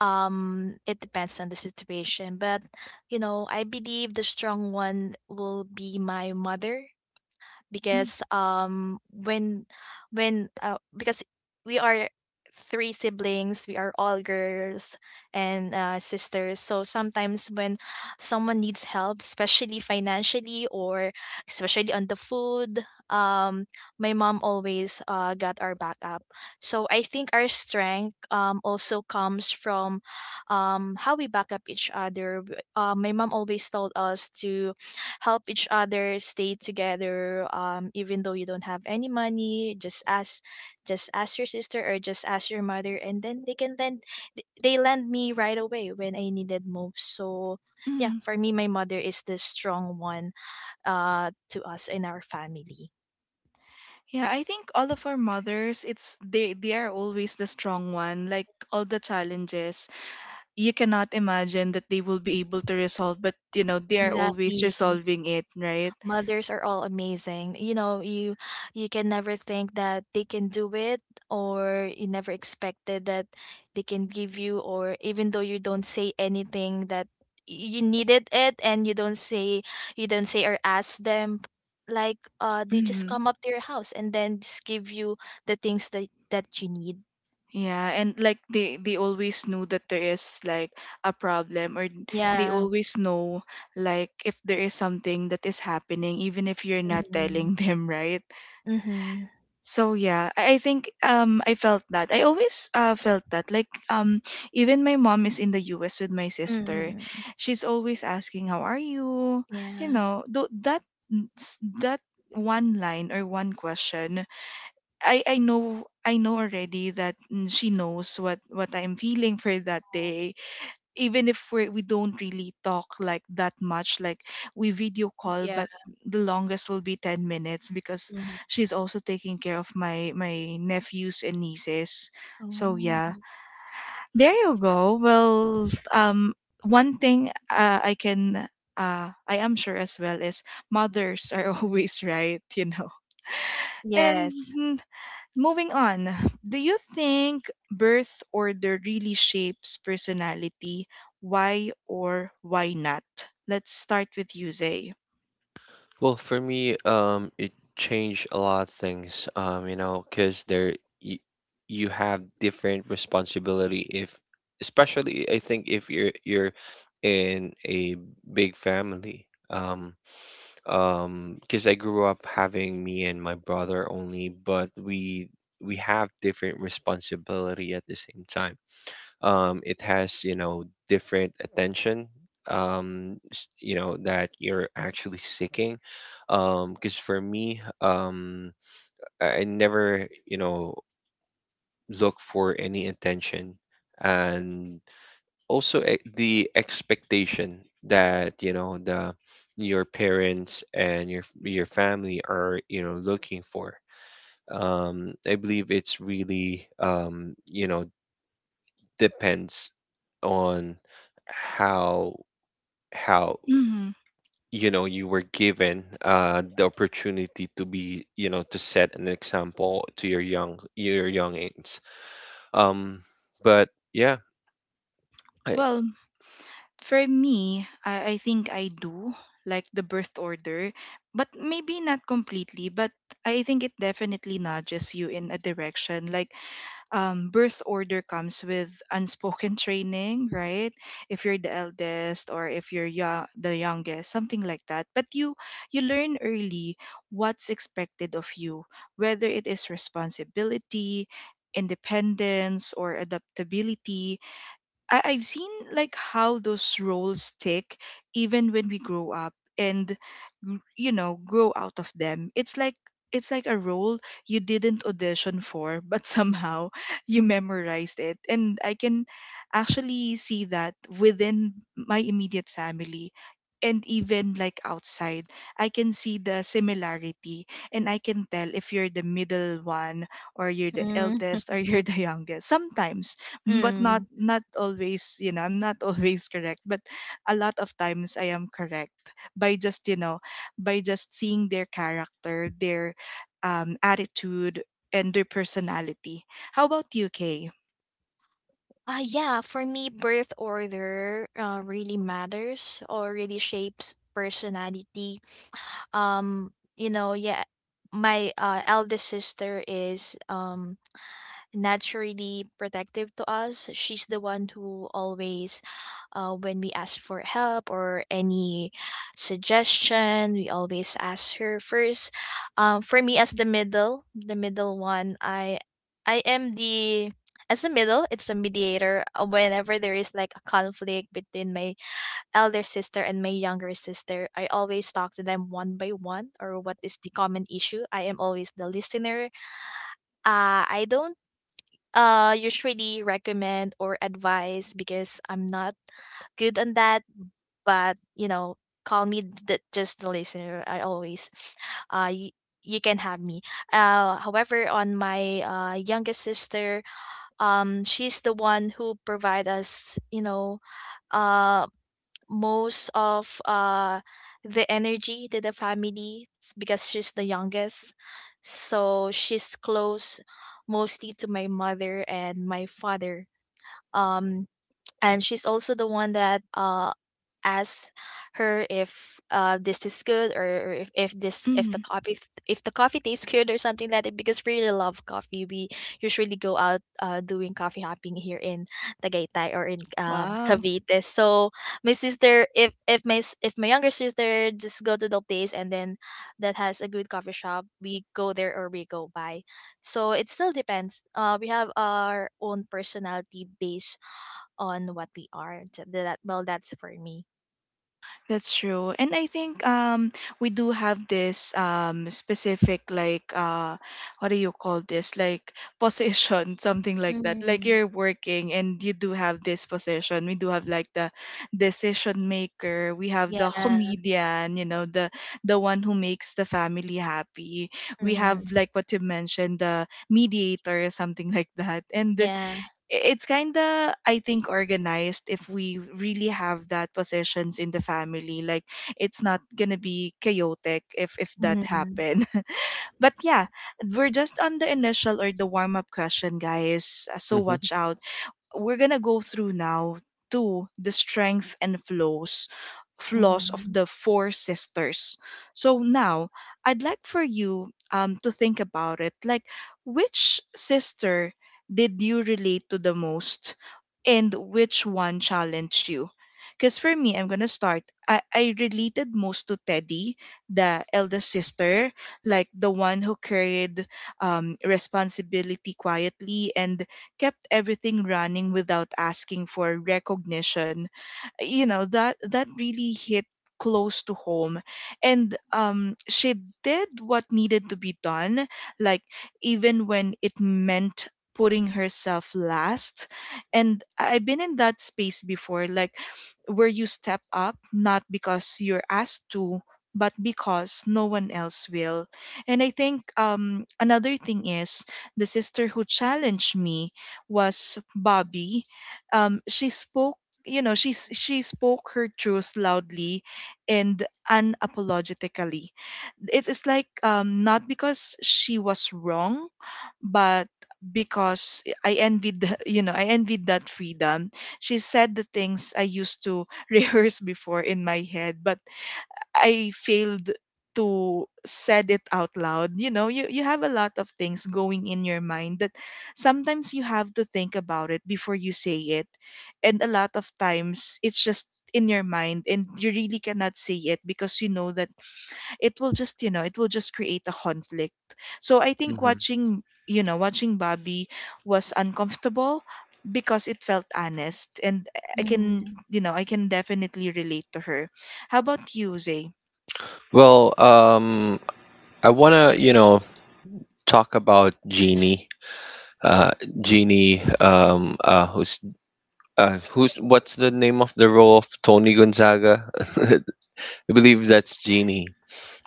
Speaker 3: Um, it depends on the situation, but you know, I believe the strong one will be my mother
Speaker 1: Mm,
Speaker 3: because um when when uh, because we are three siblings, we are all girls and uh, sisters. So sometimes when someone needs help, especially financially or especially on the food, um my mom always uh, got our back up. So I think our strength um also comes from um how we back up each other. W- uh, my mom always told us to help each other, stay together, um, even though you don't have any money, just ask just ask your sister or just ask your mother, and then they can lend th- they lend me right away when I needed most. So yeah,
Speaker 1: mm.
Speaker 3: for me, my mother is the strong one uh to us in our family.
Speaker 1: Yeah, I think all of our mothers, it's they they are always the strong one. Like all the challenges, you cannot imagine that they will be able to resolve, but you know they are always
Speaker 3: Exactly.
Speaker 1: resolving it, right?
Speaker 3: Mothers are all amazing, you know. you you can never think that they can do it, or you never expected that they can give you, or even though you don't say anything that you needed it, and you don't say you don't say or ask them, like uh they just come up to your house and then just give you the things that that you need.
Speaker 1: Yeah, and like they they always knew that there is like a problem, or they
Speaker 3: Yeah.
Speaker 1: always know like if there is something that is happening, even if you're not
Speaker 3: Mm-hmm.
Speaker 1: telling them, right?
Speaker 3: Mm-hmm.
Speaker 1: So yeah, I, I think um I felt that. I always uh felt that like um even my mom is in the U S with my sister.
Speaker 3: Mm-hmm.
Speaker 1: She's always asking, how are you? You
Speaker 3: Yeah.
Speaker 1: know, th- that, that one line or one question, I I know, I know already that mm, she knows what what I'm feeling for that day. Even if we we don't really talk like that much, like we video call,
Speaker 3: Yeah.
Speaker 1: but the longest will be ten minutes, because
Speaker 3: Mm-hmm.
Speaker 1: she's also taking care of my my nephews and nieces. So yeah,
Speaker 3: Oh.
Speaker 1: there you go. Well, um, one thing uh, I can, Uh, I am sure as well, is mothers are always right, you know. And
Speaker 3: Yes.
Speaker 1: mm, moving on, do you think birth order really shapes personality? Why or why not? Let's start with you, Zay.
Speaker 2: Well, for me, um, it changed a lot of things. Um, you know, because there you, you have different responsibility if, especially, I think, if you're you're in a big family. Um, um, because I grew up having me and my brother only, but we we have different responsibility at the same time. Um, it has, you know, different attention, um, s- you know, that you're actually seeking, because for me, um, I I never, you know, look for any attention. And also, e- the expectation that, you know, the your parents and your your family are, you know, looking for, um, I believe it's really, um, you know, depends on how how,
Speaker 1: Hmm.
Speaker 2: you know, you were given uh, the opportunity to be, you know, to set an example to your young, your youngins. Um, but yeah, I,
Speaker 1: Well, for me, I, I think I do like the birth order, but maybe not completely, but I think it definitely nudges you in a direction. Like, um, birth order comes with unspoken training, right? If you're the eldest, or if you're young, the youngest, something like that. But you you learn early what's expected of you, whether it is responsibility, independence, or adaptability. I- I've seen like how those roles stick even when we grow up and gr- you know grow out of them. It's like, it's like a role you didn't audition for, but somehow you memorized it. And I can actually see that within my immediate family, and even like outside. I can see the similarity, and I can tell if you're the middle one, or you're the
Speaker 3: Mm.
Speaker 1: eldest, or you're the youngest. Sometimes, mm, but not
Speaker 3: Hmm.
Speaker 1: not always, you know, I'm not always correct, but a lot of times I am correct, by just you know, by just seeing their character, their um, attitude, and their personality. How about you, Kay?
Speaker 3: Uh, yeah, for me, birth order uh, really matters or really shapes personality. Um, you know, yeah, my uh, eldest sister is um naturally protective to us. She's the one who always, uh, when we ask for help or any suggestion, we always ask her first. Um, for me, as the middle, the middle one, I, I am the as the middle. It's a mediator. Uh, Whenever there is like a conflict between my elder sister and my younger sister, I always talk to them one by one or what is the common issue. I am always the listener. Uh, I don't uh usually recommend or advise because I'm not good on that. But you know, call me the, just the listener. I always uh you, you can have me. Uh, however, on my uh youngest sister, um, she's the one who provide us, you know, uh most of uh the energy to the family. S- because she's the youngest, so she's close mostly to my mother and my father. um and she's also the one that uh asks her if uh this is good, or, or if, if this if the
Speaker 1: Mm,
Speaker 3: coffee if the coffee tastes good or something like that, because we really love coffee. We usually go out uh doing coffee hopping here in Tagaytay or in um
Speaker 1: wow.
Speaker 3: Cavite. So my sister if if my s- if my younger sister just go to the place, and then that has a good coffee shop, we go there or we go by. So it still depends. Uh we have our own personality based on what we are. T- That, well, that's for me.
Speaker 1: That's true. And I think um we do have this um specific like uh what do you call this? Like position, something like that. Like
Speaker 3: Mm.
Speaker 1: you're working and you do have this position. We do have like the decision maker, we have the
Speaker 3: Yeah.
Speaker 1: comedian, you know, the the one who makes the family happy. We have
Speaker 3: Mm-hmm.
Speaker 1: like what you mentioned, the mediator, something like that. And
Speaker 3: Yeah.
Speaker 1: i- it's kind of, I think, organized, if we really have that possessions in the family, like it's not gonna be chaotic if if that
Speaker 3: Mm-hmm.
Speaker 1: happen. But yeah, we're just on the initial or the warm up question, guys. Uh, so
Speaker 2: Mhm,
Speaker 1: watch out, we're gonna go through now to the strength and flaws flaws of
Speaker 3: Mm-hmm.
Speaker 1: the four sisters. So now I'd like for you um to think about it. Like, which sister did you relate to the most, and which one challenged you? Because for me, I'm gonna start. I, I related most to Teddy, the eldest sister, like the one who carried um, responsibility quietly and kept everything running without asking for recognition you know that that really hit close to home. And um she did what needed to be done, like even when it meant putting herself last. And I- I've been in that space before, like where you step up not because you're asked to but because no one else will. And I think um another thing is the sister who challenged me was Bobby. Um, she spoke, you know, she s- she spoke her truth loudly and unapologetically. It is like um, not because she was wrong, but because I envied, the- you know, I envied that freedom. She said the things I used to rehearse before in my head, but I failed to said it out loud. You know, you you have a lot of things going in your mind that sometimes you have to think about it before you say it. And a lot of times it's just in your mind and you really cannot say it because you know that it will just, you know, it will just create a conflict. So I think
Speaker 2: mhm.
Speaker 1: watching, you know, watching Bobby was uncomfortable because it felt honest and I can,
Speaker 3: Mm-hmm.
Speaker 1: you know, I can definitely relate to her. How about you, Zay?
Speaker 2: Well, um, I wanna, you know, talk about Jeannie. Uh, Jeannie, um, uh, who's uh, who's what's the name of the role of Tony Gonzaga? I believe that's Jeannie.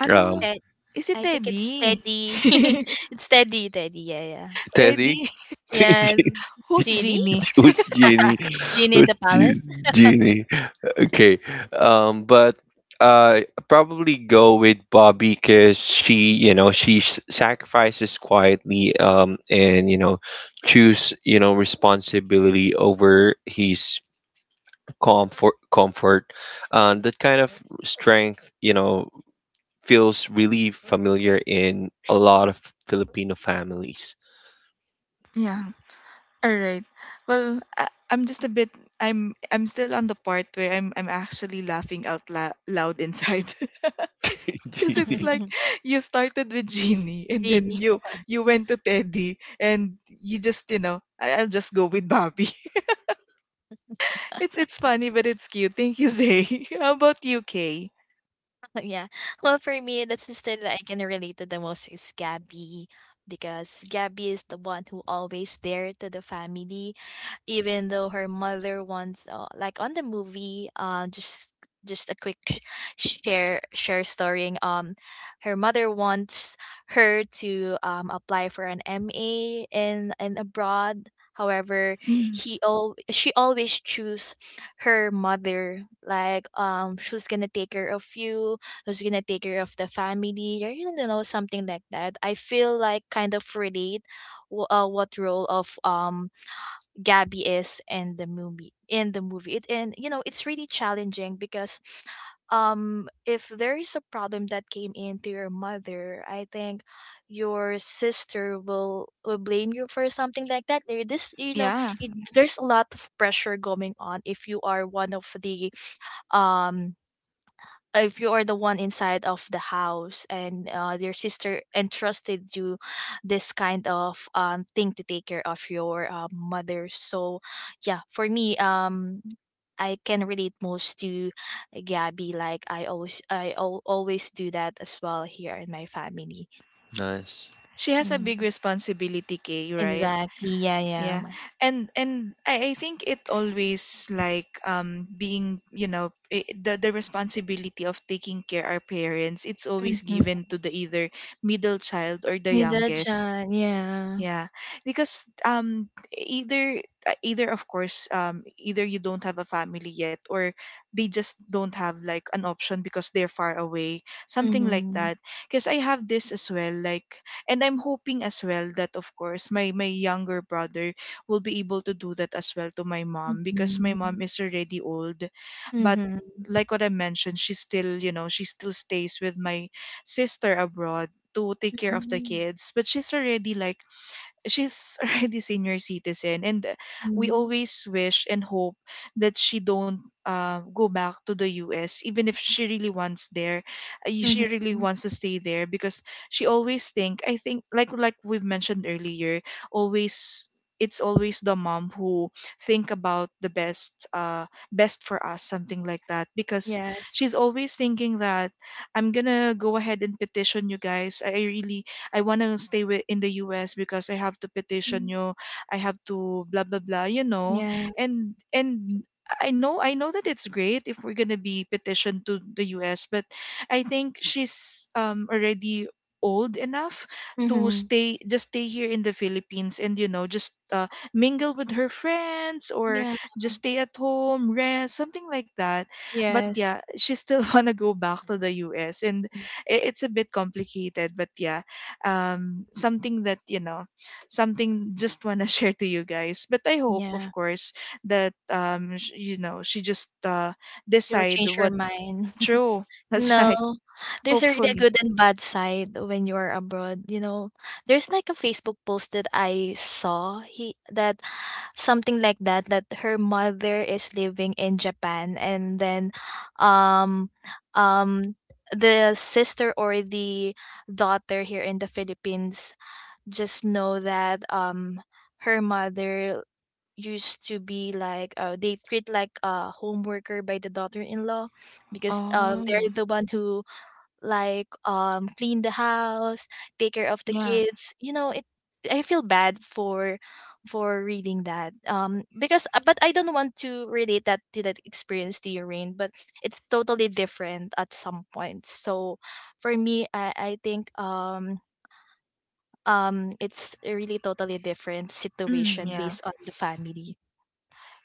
Speaker 1: Ano?
Speaker 2: Um,
Speaker 3: That
Speaker 1: Is it
Speaker 3: I think it's
Speaker 1: Teddy?
Speaker 3: Teddy. it's Teddy. Teddy. Yeah. Yeah.
Speaker 2: Teddy.
Speaker 1: Teddy?
Speaker 3: Yes.
Speaker 1: Who's Genie?
Speaker 3: Genie.
Speaker 2: Who's Genie?
Speaker 3: Genie in the
Speaker 2: Who's Ge-
Speaker 3: palace.
Speaker 2: Genie? Okay. Um, but uh, probably go with Bobby because she, you know, she s- sacrifices quietly, um, and you know, choose, you know, responsibility over his comfort, comfort. Um, that kind of strength, you know, feels really familiar in a lot of Filipino families.
Speaker 1: Yeah. All right. Well, I, I'm just a bit. I'm I'm still on the part where I'm I'm actually laughing out la- loud inside because it's
Speaker 2: Genie.
Speaker 1: like you started with Genie and then
Speaker 3: Really?
Speaker 1: you you went to Teddy, and you just, you know, I, I'll just go with Bobby. It's it's funny but it's cute. Thank you, Zay. How about you, Kay?
Speaker 3: Yeah. Well, for me, the sister that I can relate to the most is Gabby, because Gabby is the one who always there to the family even though her mother once uh, like on the movie uh just just a quick sh- share share storying. Um her mother wants her to um apply for an M A in in abroad. However,
Speaker 1: Mm,
Speaker 3: he al- she always choose her mother, like um who's gonna take care of you, who's gonna take care of the family, or you know something like that. I feel like kind of relate wh- uh, what role of um Gabby is in the movie in the movie. It, and you know, it's really challenging because um if there is a problem that came into your mother, I think your sister will will blame you for something like that. There this you know
Speaker 1: yeah,
Speaker 3: it, there's a lot of pressure going on if you are one of the um if you are the one inside of the house and uh, your sister entrusted you this kind of um, thing to take care of your uh, mother. So yeah, for me, um I can relate most to Gabby. Like, I always I al- always do that as well here in my family.
Speaker 2: Nice.
Speaker 1: she has a
Speaker 3: Mm,
Speaker 1: big responsibility, Kay. Right?
Speaker 3: exactly, yeah yeah
Speaker 1: Yeah. And and I, I think it always, like um being, you know, I the the responsibility of taking care our parents, it's always
Speaker 3: Mm-hmm.
Speaker 1: given to the either middle child or the youngest.
Speaker 3: Middle-chan, yeah.
Speaker 1: Yeah, because um either uh, either, of course, um either you don't have a family yet or they just don't have like an option because they're far away, something like
Speaker 3: Mm-hmm.
Speaker 1: that. Because I have this as well, like, and I'm hoping as well that, of course, my my younger brother will be able to do that as well to my mom because my
Speaker 3: Mm-hmm.
Speaker 1: mom is already old, but
Speaker 3: Mm-hmm.
Speaker 1: like what I mentioned, she still, you know, she still stays with my sister abroad to take care of the
Speaker 3: Mm-hmm.
Speaker 1: kids, but she's already like she's already senior citizen. And uh, we always wish and hope that she don't uh, go back to the U S even if she really wants there. Uh, she really
Speaker 3: Mm-hmm.
Speaker 1: wants to stay there because she always think, I think, like like we've mentioned earlier, always it's always the mom who think about the best uh best for us, something like that, because
Speaker 3: Yes.
Speaker 1: she's always thinking that I'm gonna go ahead and petition you guys. I I really I want to stay wi- in the U S because I have to petition
Speaker 3: Mm,
Speaker 1: you. I have to blah blah blah, you know.
Speaker 3: yeah.
Speaker 1: And and I know, I know that it's great if we're going to be petitioned to the U S, but I think she's um already old enough to
Speaker 3: Mhm.
Speaker 1: stay, just stay here in the Philippines, and you know, just uh, mingle with her friends or
Speaker 3: Yeah.
Speaker 1: just stay at home, rest, something like that. But
Speaker 3: Yes.
Speaker 1: yeah, she still want to go back to the U S. And
Speaker 3: Mm,
Speaker 1: i- it's a bit complicated, but yeah, um something that, you know, something just want to share to you guys, but I hope, of
Speaker 3: yeah.
Speaker 1: course, that um sh- you know, she just uh
Speaker 3: It will
Speaker 1: decide
Speaker 3: change your
Speaker 1: what.
Speaker 3: mind.
Speaker 1: True. That's
Speaker 3: No,
Speaker 1: right.
Speaker 3: there's already a really
Speaker 1: Hopefully.
Speaker 3: good and bad side when you are abroad. You know, there's like a Facebook post that I saw he that something like that, that her mother is living in Japan, and then, um, um, the sister or the daughter here in the Philippines just know that um her mother used to be like uh, they treat like a home worker by the daughter-in-law, because um, they're
Speaker 1: Oh
Speaker 3: the one who like um, clean the house, take care of the
Speaker 1: yeah.
Speaker 3: kids, you know it. I feel bad for for reading that, um because uh, but I don't want to relate that to that experience to your rain, but it's totally different at some point. So for me, i i think um um it's a really totally different
Speaker 1: Mm,
Speaker 3: situation
Speaker 1: yeah.
Speaker 3: based on the family.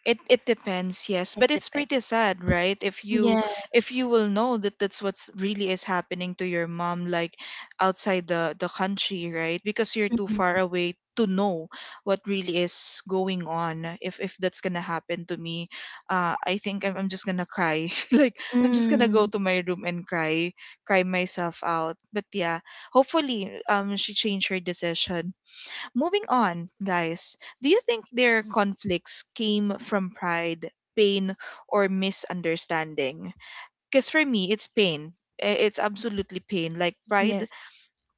Speaker 1: It it depends, yes,
Speaker 3: It
Speaker 1: but it's
Speaker 3: depends.
Speaker 1: pretty sad, right? If you, if
Speaker 3: Yes.
Speaker 1: you will know that that's what's really is happening to your mom, like outside the the country, right? Because you're too far
Speaker 3: Mhm.
Speaker 1: away to know what really is going on. If if that's gonna happen to me, uh, I think I'm I'm just gonna cry like I'm just gonna go
Speaker 3: Mm.
Speaker 1: to my room and cry, cry myself out. But yeah, hopefully, um, she changed her decision. Moving on, guys, do you think their conflicts came from pride, pain, or misunderstanding? Because for me, it's pain. I- It's absolutely pain. Like pride,
Speaker 3: Yes.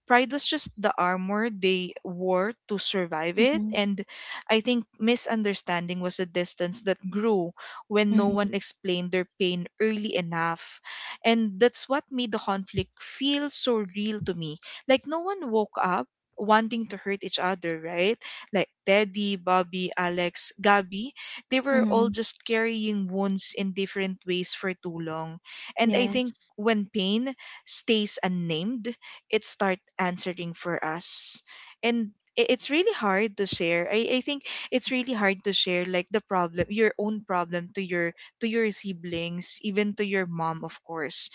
Speaker 1: pride was just the armor they wore to survive it.
Speaker 3: Mhm.
Speaker 1: And I think misunderstanding was a distance that grew when no
Speaker 3: Mhm.
Speaker 1: one explained their pain early enough. And that's what made the conflict feel so real to me. Like, no one woke up wanting to hurt each other, right? Like Teddy, Bobby, Alex, Gabby, they were all
Speaker 3: Mhm.
Speaker 1: just carrying wounds in different ways for too long. And I think
Speaker 3: Yes.
Speaker 1: when pain stays unnamed, it start answering for us. And i- it's really hard to share. I, I think it's really hard to share like the problem, your own problem, to your to your siblings, even to your mom, of course,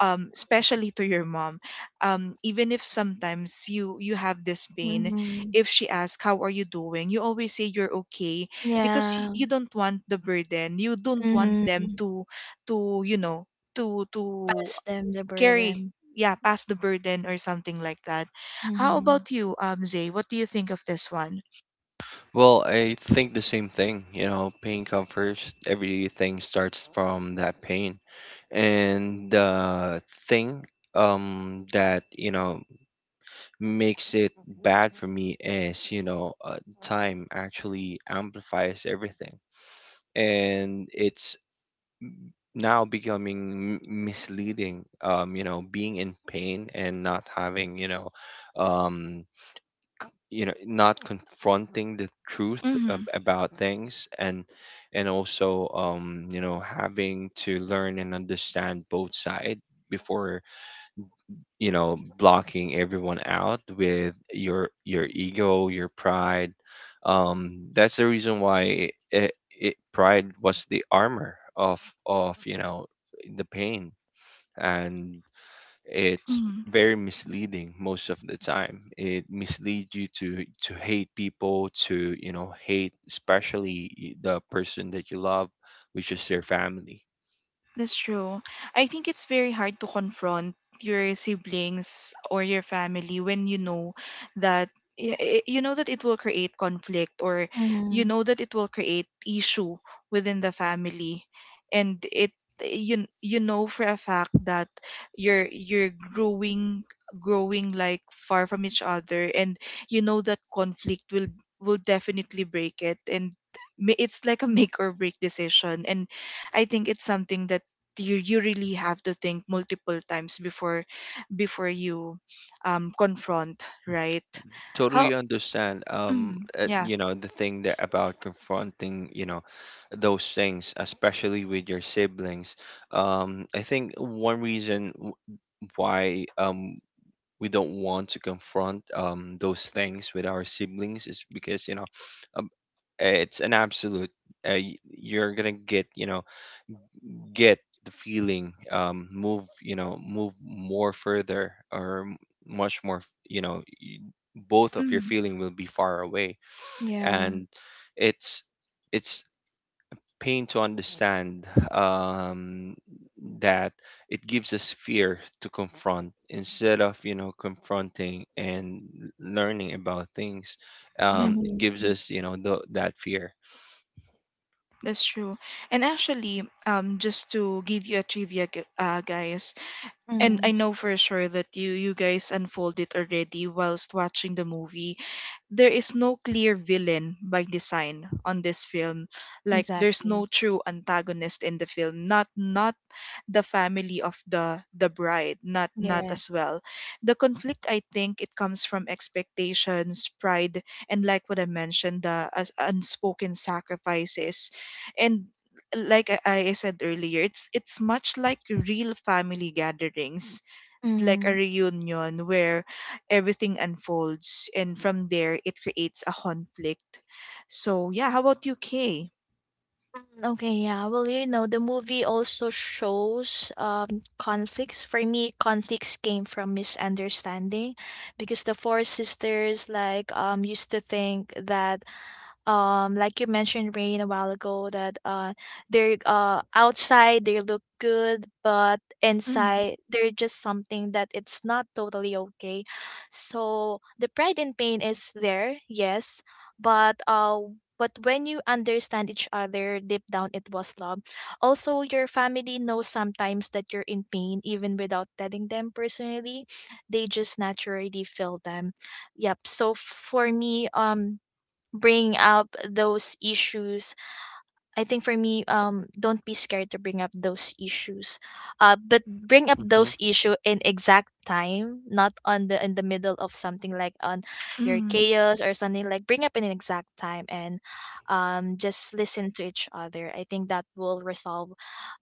Speaker 1: um especially to your mom. Um even if sometimes you you have this pain,
Speaker 3: Mhm.
Speaker 1: if she asks how are you doing, you always say you're okay, because y-
Speaker 3: Yeah.
Speaker 1: you don't want the burden, you don't want
Speaker 3: Mhm.
Speaker 1: them to to you know, to to
Speaker 3: Pass them the
Speaker 1: carry.
Speaker 3: burden.
Speaker 1: Yeah, pass the burden or something like that. How
Speaker 3: Mhm.
Speaker 1: about you, um Zay, what do you think of this one?
Speaker 2: Well, I think the same thing. You know, pain comes first. Everything starts from that pain. And the thing, um that, you know, makes it bad for me is, you know, uh, time actually amplifies everything, and it's now becoming m- misleading. Um, you know, being in pain and not having you know, um you know not confronting the truth
Speaker 1: Mm-hmm.
Speaker 2: ab- about things. And and also um you know having to learn and understand both sides before you know blocking everyone out with your your ego, your pride. Um that's the reason why it, it pride was the armor of of you know the pain, and it's very misleading. Most of the time it misleads you to to hate people, to you know hate especially y- the person that you love, which is their family.
Speaker 1: That's true. I think it's very hard to confront your siblings or your family when you know that, y- y- you know that it will create conflict, or you
Speaker 3: Mhm.
Speaker 1: know that it will create issue within the family. And it, you you know for a fact that you're you're growing growing like far from each other, and you know that conflict will will definitely break it. And ma- it's like a make or break decision. And I think it's something that, you, you really have to think multiple times before, before you um confront, right? How?
Speaker 2: Totally understand. um
Speaker 1: Mm,
Speaker 2: uh,
Speaker 1: yeah.
Speaker 2: you know the thing that about confronting, you know those things, especially with your siblings. um I think one reason w- why um we don't want to confront um those things with our siblings is because, you know uh, it's an absolute. Uh, y- you're gonna get, you know get the feeling, Um, move, you know move more further, or m- much more. You know, y- Both of your
Speaker 1: Mm,
Speaker 2: feeling will be far away,
Speaker 3: Yeah.
Speaker 2: and it's it's pain to understand, um, that it gives us fear to confront instead of, you know confronting and learning about things.
Speaker 1: yeah,
Speaker 2: Um, it gives
Speaker 3: Mhm.
Speaker 2: us, you know the, that fear.
Speaker 1: that's true. And actually, um, just to give you a trivia, gu- uh, guys, and
Speaker 3: Mhm.
Speaker 1: I know for sure that you you guys unfold it already whilst watching the movie. There is no clear villain by design on this film. Like, there's no
Speaker 3: Exactly.
Speaker 1: true antagonist in the film. Not not the family of the the bride, not, not as
Speaker 3: Yes.
Speaker 1: well, the conflict, I think it comes from expectations, pride, and like what I mentioned, the as- unspoken sacrifices. And like I, I said earlier, it's it's much like real family gatherings, like a
Speaker 3: Mhm.
Speaker 1: reunion where everything unfolds, and from there it creates a conflict. So yeah, how about you, Kay?
Speaker 3: Mm, okay, yeah. Well, you know, the movie also shows um conflicts. For me, conflicts came from misunderstanding, because the four sisters like um used to think that um like you mentioned rain a while ago that uh they're uh outside they look good, but inside they're just something that it's not totally okay. So the pride and pain is there, yes, but uh but when you understand each other deep down, it was love. Also, your family knows sometimes that you're in pain even without telling them personally. They just naturally feel them. Yep. So f- for me, um bring up those issues. I think for me, um don't be scared to bring up those issues. Uh, but bring up those issue in exact time, not on the in the middle of something, like on your
Speaker 1: Mm-hmm.
Speaker 3: chaos or something. Like bring up in an exact time, and um just listen to each other. I think that will resolve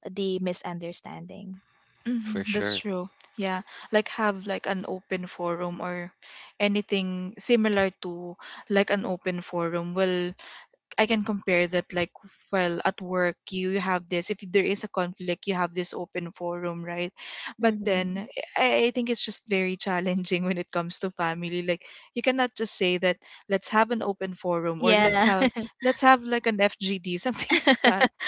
Speaker 3: the misunderstanding.
Speaker 2: For
Speaker 1: Mhm, that's
Speaker 2: sure.
Speaker 1: true. Yeah, like have like an open forum or anything similar to like an open forum. Well, I can compare that, like, well, at work you have this, if there is a conflict you have this open forum, right? But
Speaker 3: Hmm.
Speaker 1: then I, I think it's just very challenging when it comes to family. Like, you cannot just say that let's have an open forum, or let's
Speaker 3: Yeah.
Speaker 1: have, let's have like an F G D something like that.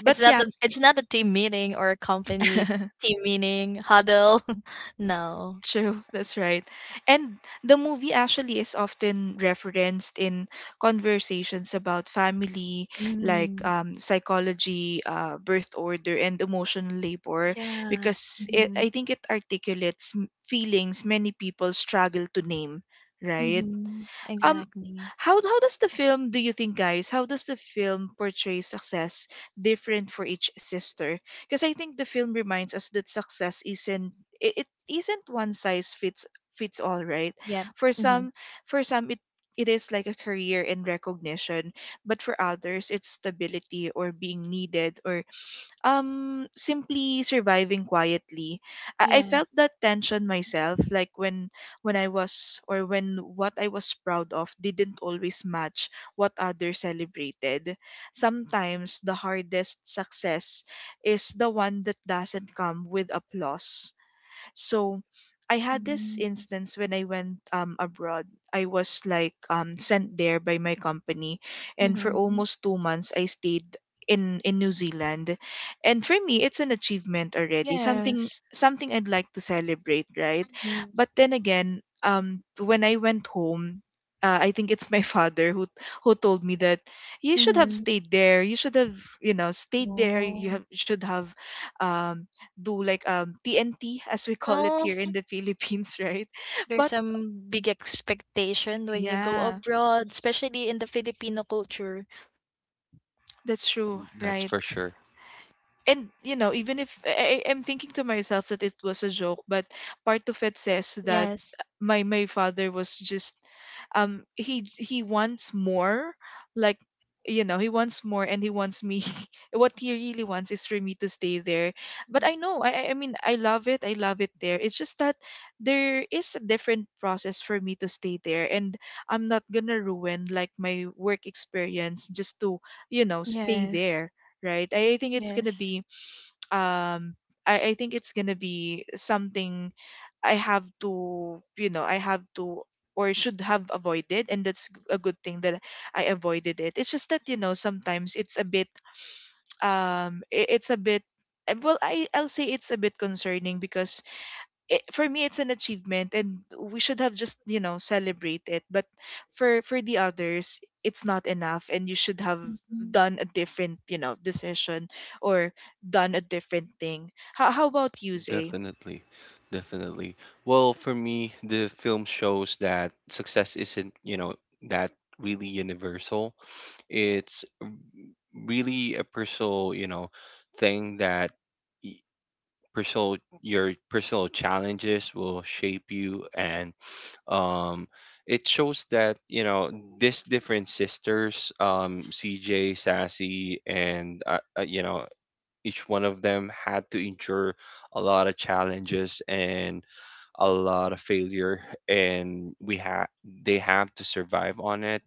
Speaker 1: But
Speaker 3: It's not
Speaker 1: yeah.
Speaker 3: a, it's not a team meeting or a company team meeting huddle. No.
Speaker 1: True, that's right. And the movie actually is often referenced in conversations about family, like
Speaker 3: Mm,
Speaker 1: um, psychology, uh, birth order, and emotional labor,
Speaker 3: yeah.
Speaker 1: because it,
Speaker 3: Hmm.
Speaker 1: I think it articulates m- feelings many people struggle to name, right?
Speaker 3: Hmm.
Speaker 1: Um,
Speaker 3: Exactly.
Speaker 1: how how does the film, do you think, guys, how does the film portray success different for each sister? Because I think the film reminds us that success isn't, it, it isn't one size fits fits all, right?
Speaker 3: Yeah. Yep.
Speaker 1: For
Speaker 3: Mhm.
Speaker 1: some, for some it it is like a career and recognition, but for others it's stability or being needed or um simply surviving quietly. I-, I
Speaker 3: Yes.
Speaker 1: felt that tension myself, like when when I was, or when what I was proud of didn't always match what others celebrated. Sometimes the hardest success is the one that doesn't come with applause. So I had this
Speaker 3: Mm.
Speaker 1: instance when I went um abroad. I was like um sent there by my company, and for
Speaker 3: Mhm.
Speaker 1: almost two months I stayed in in New Zealand. And for me it's an achievement already. Something,
Speaker 3: Yes.
Speaker 1: something I'd like to celebrate, right?
Speaker 3: Mm.
Speaker 1: But then again, um when I went home, uh, I think it's my father who who told me that you should have
Speaker 3: Mhm.
Speaker 1: stayed there. You should have, you know, stayed there. You
Speaker 3: Oh.
Speaker 1: have should have um, do like um T N T as we call it
Speaker 3: Oh,
Speaker 1: here in the Philippines, right?
Speaker 3: there's
Speaker 1: But
Speaker 3: some big expectation when you go
Speaker 1: yeah,
Speaker 3: abroad, especially in the Filipino culture.
Speaker 1: that's true,
Speaker 2: That's
Speaker 1: right?
Speaker 2: for sure.
Speaker 1: And you know, even if I, I- i'm thinking to myself that it was a joke, but part of it says that
Speaker 3: Yes.
Speaker 1: my my father was just um he he wants more, like you know he wants more and he wants me. What he really wants is for me to stay there. But
Speaker 3: Mm.
Speaker 1: i know i i I mean, i love it I love it there, it's just that there is a different process for me to stay there. And I'm not gonna ruin like my work experience just to you know stay
Speaker 3: Yes.
Speaker 1: there, right? i I think it's gonna
Speaker 3: Yes.
Speaker 1: be um I, I think it's gonna be something I have to, you know I have to or should have avoided, and that's g- a good thing that I avoided it. It's just that, you
Speaker 3: Mhm.
Speaker 1: know, sometimes it's a bit um i- it's a bit uh, well, I I'll say it's a bit concerning because it, for me it's an achievement and we should have just, you know, celebrate it, but for for the others it's not enough and you should have
Speaker 3: Mhm.
Speaker 1: done a different, you know, decision or done a different thing. How, how about you, Zay?
Speaker 2: Definitely. Definitely. Well, for me, the film shows that success isn't, you know, that really universal. It's really a personal, you know, thing that y- personal your personal challenges will shape you. And um it shows that, you know, these different sisters, um C J, Sassy, and uh, uh, you know, each one of them had to endure a lot of challenges and a lot of failure, and we have they have to survive on it.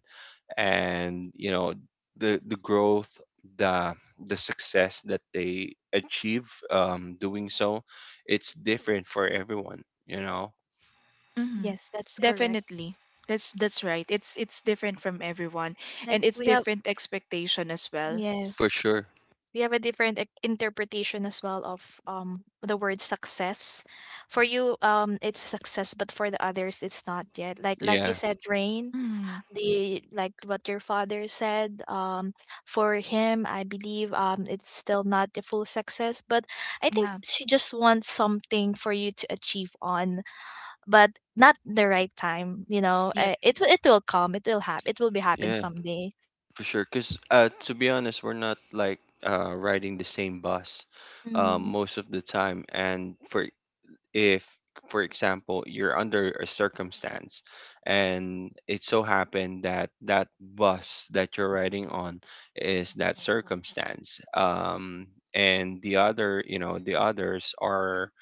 Speaker 2: And, you know, the the growth, the the success that they achieve um doing so, it's different for everyone, you know.
Speaker 1: Hmm.
Speaker 3: Yes, that's correct.
Speaker 1: Definitely. That's that's right, it's it's different from everyone,
Speaker 3: Like,
Speaker 1: and it's
Speaker 3: we have
Speaker 1: different expectation as well.
Speaker 2: For
Speaker 3: yes.
Speaker 2: sure.
Speaker 3: We have a different e- interpretation as well of um the word success. For you, um it's success, but for the others it's not yet. like like you
Speaker 2: Yeah.
Speaker 3: said rain,
Speaker 1: Mm,
Speaker 3: the like what your father said, um for him I believe um it's still not the full success, but I think
Speaker 1: yeah.
Speaker 3: she just wants something for you to achieve on. But not the right time, you know.
Speaker 1: Yep.
Speaker 3: uh, it will- it will come, it will happen, it will be happen
Speaker 2: Yeah,
Speaker 3: someday.
Speaker 2: for sure. Because, uh, to be honest, we're not like, uh, riding the same bus um, most of the time. And for if for example, you're under a circumstance, and it so happened that that bus that you're riding on is that circumstance, um and the other you know the others are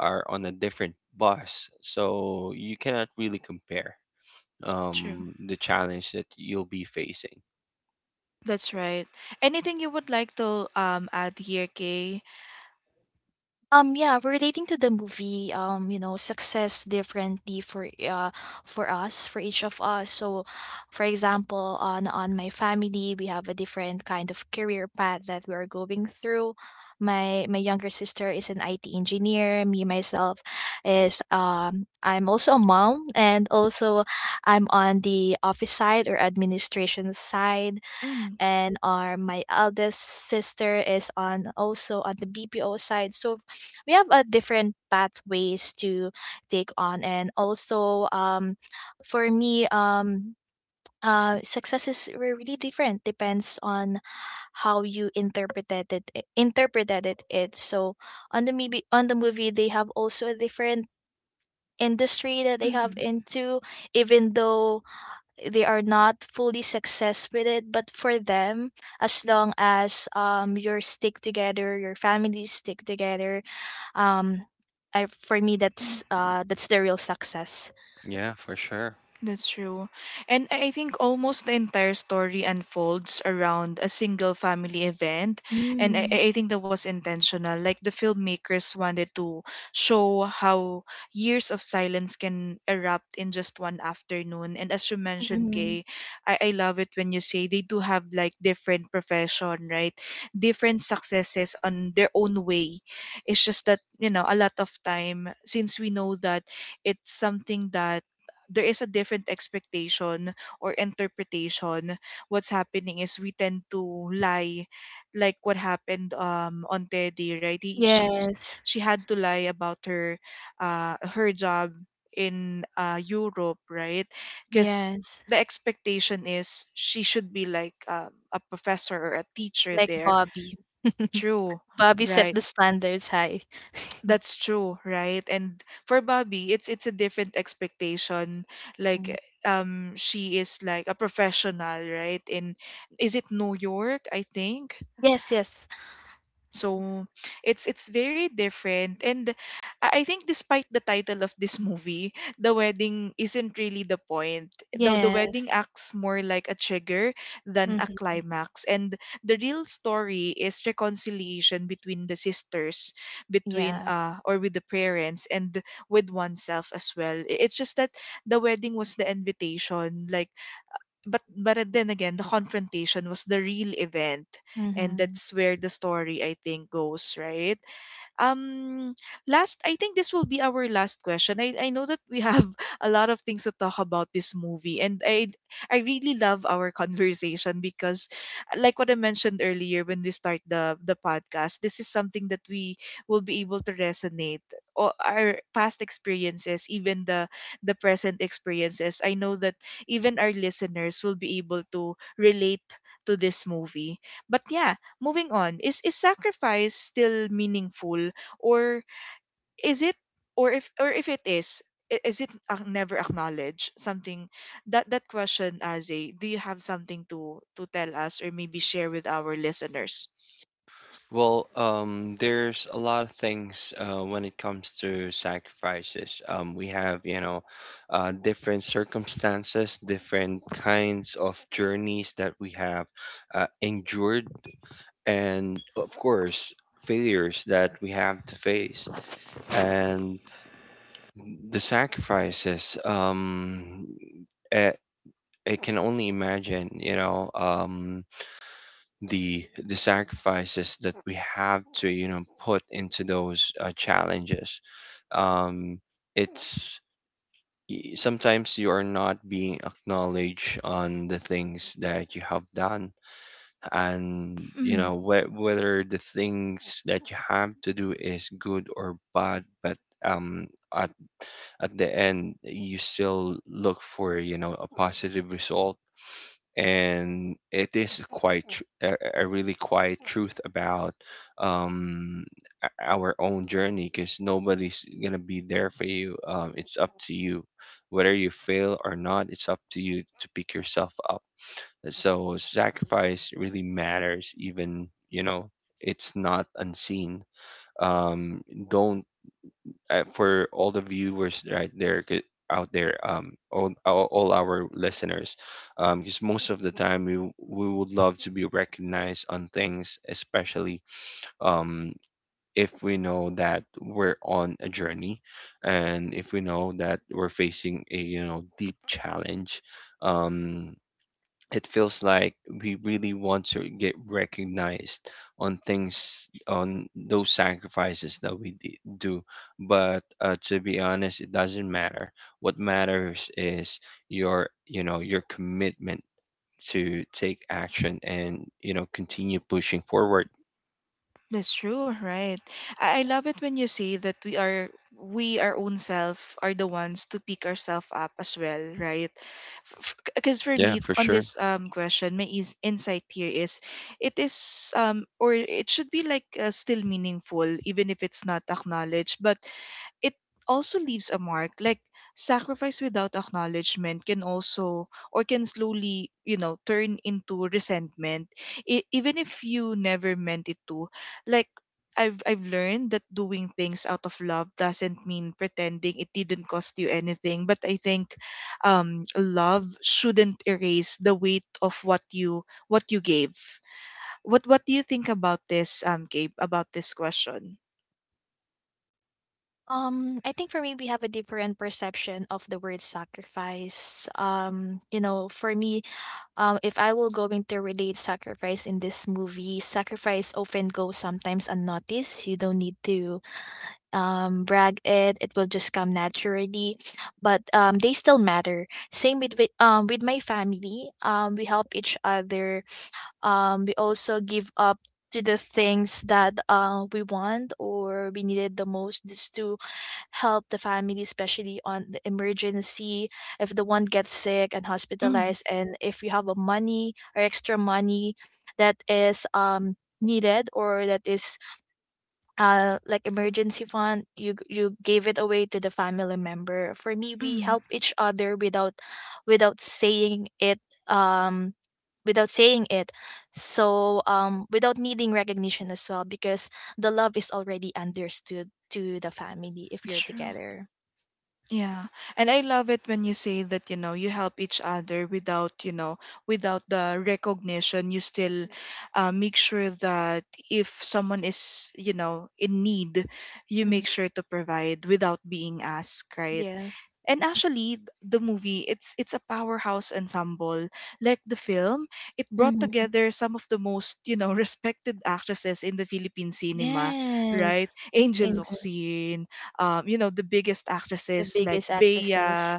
Speaker 2: are on a different bus, so you cannot really compare
Speaker 1: True.
Speaker 2: um the challenge that you'll be facing.
Speaker 1: That's right. Anything you would like to um add here, Kay?
Speaker 3: Um yeah, relating to the movie, um, you know, success differently for uh for us, for each of us. So for example, on on my family, we have a different kind of career path that we're going through. My my younger sister is an I T engineer. Me myself is um I'm also a mom, and also I'm on the office side or administration side,
Speaker 1: Mm.
Speaker 3: and our my eldest sister is on also on the B P O side. So we have a different pathways to take on, and also um, for me um. Uh, success is re- really different. Depends on how you interpreted it. Eh, interpreted it. It. So on the movie, on the movie, they have also a different industry that they have
Speaker 1: Mm-hmm.
Speaker 3: into. Even though they are not fully success with it, but for them as long as um you stick together, your families stick together, um I, for me that's uh that's the real success.
Speaker 2: Yeah, for sure.
Speaker 1: That's true. And I I think almost the entire story unfolds around a single family event. And I,
Speaker 3: Mm.
Speaker 1: I I think that was intentional. Like the filmmakers wanted to show how years of silence can erupt in just one afternoon. And as you mentioned,
Speaker 3: Mm.
Speaker 1: Kay, I, I love it when you say they do have like different profession, right? Different successes on their own way. It's just that, you know, a lot of time, since we know that it's something that there is a different expectation or interpretation, what's happening is we tend to lie, like what happened um on Teddy, right? he, she
Speaker 3: Yes.
Speaker 1: she had to lie about her uh her job in uh Europe, right? Because
Speaker 3: Yes.
Speaker 1: the expectation is she should be like, um, a professor or a teacher
Speaker 3: Like
Speaker 1: there.
Speaker 3: Bobby.
Speaker 1: True.
Speaker 3: Bobby set
Speaker 1: Right.
Speaker 3: the standards high.
Speaker 1: That's true, right? And for Bobby, it's it's a different expectation. Like,
Speaker 3: Mm.
Speaker 1: um she is like a professional, right? In, is it New York, I think?
Speaker 3: Yes. Yes.
Speaker 1: So it's it's very different. And I I think, despite the title of this movie, the wedding isn't really the point. Though the wedding
Speaker 3: Yes.
Speaker 1: acts more like a trigger than a
Speaker 3: Mm-hmm.
Speaker 1: climax, and the real story is reconciliation between the sisters, between
Speaker 3: Yeah.
Speaker 1: uh or with the parents and with oneself as well. I- It's just that the wedding was the invitation, like, but but then again, the confrontation was the real event, and
Speaker 3: Mm-hmm.
Speaker 1: that's where the story, I think, goes, right? um, Last, I think this will be our last question. I, I know that we have a lot of things to talk about this movie, and I I really love our conversation because, like what I mentioned earlier when we start the the podcast, this is something that we will be able to resonate, or our past experiences, even the the present experiences. I know that even our listeners will be able to relate to this movie. But yeah, moving on, is is sacrifice still meaningful, or is it, or if, or if it is, i- is it ac- never acknowledged? Something that, that question, as a, do you have something to to tell us or maybe share with our listeners?
Speaker 2: Well, um, there's a lot of things, uh, when it comes to sacrifices. Um, we have, you know, uh, different circumstances, different kinds of journeys that we have, uh, endured, and of course, failures that we have to face. And the sacrifices, um, I, I can only imagine, you know, um, the the sacrifices that we have to, you know, put into those, uh, challenges. um it's y- Sometimes you are not being acknowledged on the things that you have done, and, you know, wh- whether the things that you have to do is good or bad. But um at at the end you still look for, you know, a positive result, and it is quite tr- a, a really quiet truth about, um o- our own journey, because nobody's gonna be there for you. Um it's up to you whether you fail or not. It's up to you to pick yourself up. So sacrifice really matters, even, you know, it's not unseen. Um don't uh, For all the viewers right there, c- out there, um, all, all all our listeners, um, because most of the time we w- we would love to be recognized on things, especially, um, if we know that we're on a journey, and if we know that we're facing a, you know, deep challenge. Um, it feels like we really want to get recognized on things, on those sacrifices that we d- do. But, uh, to be honest, it doesn't matter. What matters is your, you know, your commitment to take action, and, you know, continue pushing forward.
Speaker 1: That's true, right? I, I love it when you say that we are, we our own self are the ones to pick ourselves up as well, right? Because for
Speaker 2: Yeah,
Speaker 1: me,
Speaker 2: for
Speaker 1: on
Speaker 2: sure.
Speaker 1: this um question, my is, insight here is it is, um or it should be like, uh, still meaningful even if it's not acknowledged, but it also leaves a mark. Like sacrifice without acknowledgement can also, or can slowly, you know, turn into resentment, e- even if you never meant it to. Like, I've, I've learned that doing things out of love doesn't mean pretending it didn't cost you anything, but I think, um, love shouldn't erase the weight of what you, what you gave. what what do you think about this, um Gabe, about this question?
Speaker 3: Um, I think for me, we have a different perception of the word sacrifice. Um, you know, for me, um, if I will going to relate sacrifice in this movie, sacrifice often goes sometimes unnoticed. You don't need to um, brag it; it will just come naturally. But um, they still matter. Same with with- um with my family. Um, we help each other, um, we also give up to the things that uh, we want or we needed the most, just to help the family, especially on the emergency. If the one gets sick and
Speaker 1: Mm.
Speaker 3: hospitalized, and if you have a money or extra money that is um needed, or that is uh like emergency fund, you g- you gave it away to the family member. For me we
Speaker 1: Mm.
Speaker 3: help each other without without saying it um without saying it. So um without needing recognition as well, because the love is already understood to the family if you're
Speaker 1: True.
Speaker 3: together.
Speaker 1: Yeah. And I love it when you say that, you know, you help each other without, you know, without the recognition. You still uh, make sure that if someone is, you know, in need, you make
Speaker 3: Mhm.
Speaker 1: sure to provide without being asked, right?
Speaker 3: Yes.
Speaker 1: And actually, th- the movie, it's it's a powerhouse ensemble. Like the film, it brought
Speaker 3: Hmm.
Speaker 1: together some of the most, you know, respected actresses in the Philippine cinema,
Speaker 3: Yes.
Speaker 1: right? Angel
Speaker 3: Exactly.
Speaker 1: Locsin, um, you know, the biggest
Speaker 3: The
Speaker 1: actresses like
Speaker 3: biggest
Speaker 1: Bea,
Speaker 3: actresses.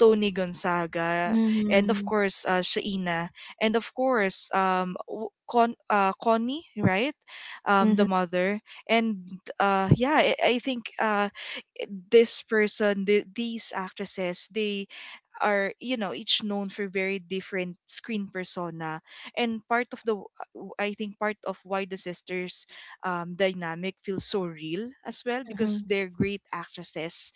Speaker 1: Tony Gonzaga, and of
Speaker 3: Hmm.
Speaker 1: course, uh, Shaina, and of course, um, w- Con- uh, Connie, right? Um,
Speaker 3: Hmm.
Speaker 1: the mother. And uh, yeah, i, I think, uh, this person, the, these actresses, they are, you know, each known for very different screen persona. And part of the, I think part of why the sisters um dynamic feels so real as well,
Speaker 3: Hmm.
Speaker 1: because they're great actresses.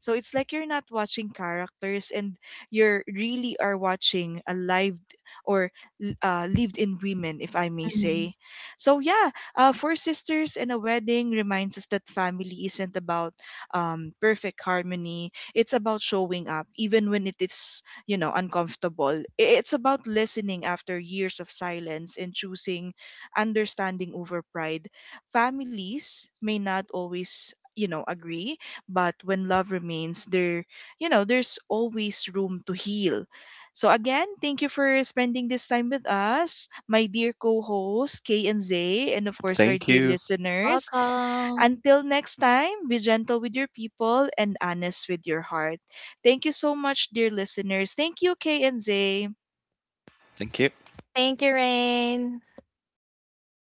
Speaker 1: So it's like you're not watching characters, and you're really are watching a live, or uh, lived in women, if I may say. So, yeah, uh, Four Sisters and a Wedding reminds us that family isn't about, um, perfect harmony. It's about showing up, even when it is, you know, uncomfortable. I- It's about listening after years of silence and choosing understanding over pride. Families may not always, you know, agree, but when love remains there, you know, there's always room to heal. So again, thank you for spending this time with us, my dear co-host Kay and Zay, and of course our
Speaker 2: Thank
Speaker 1: dear
Speaker 2: you.
Speaker 1: listeners.
Speaker 3: Welcome.
Speaker 1: Until next time, be gentle with your people and honest with your heart. Thank you so much, dear listeners. Thank you, Kay and Zay.
Speaker 2: Thank you.
Speaker 3: Thank you, Rain.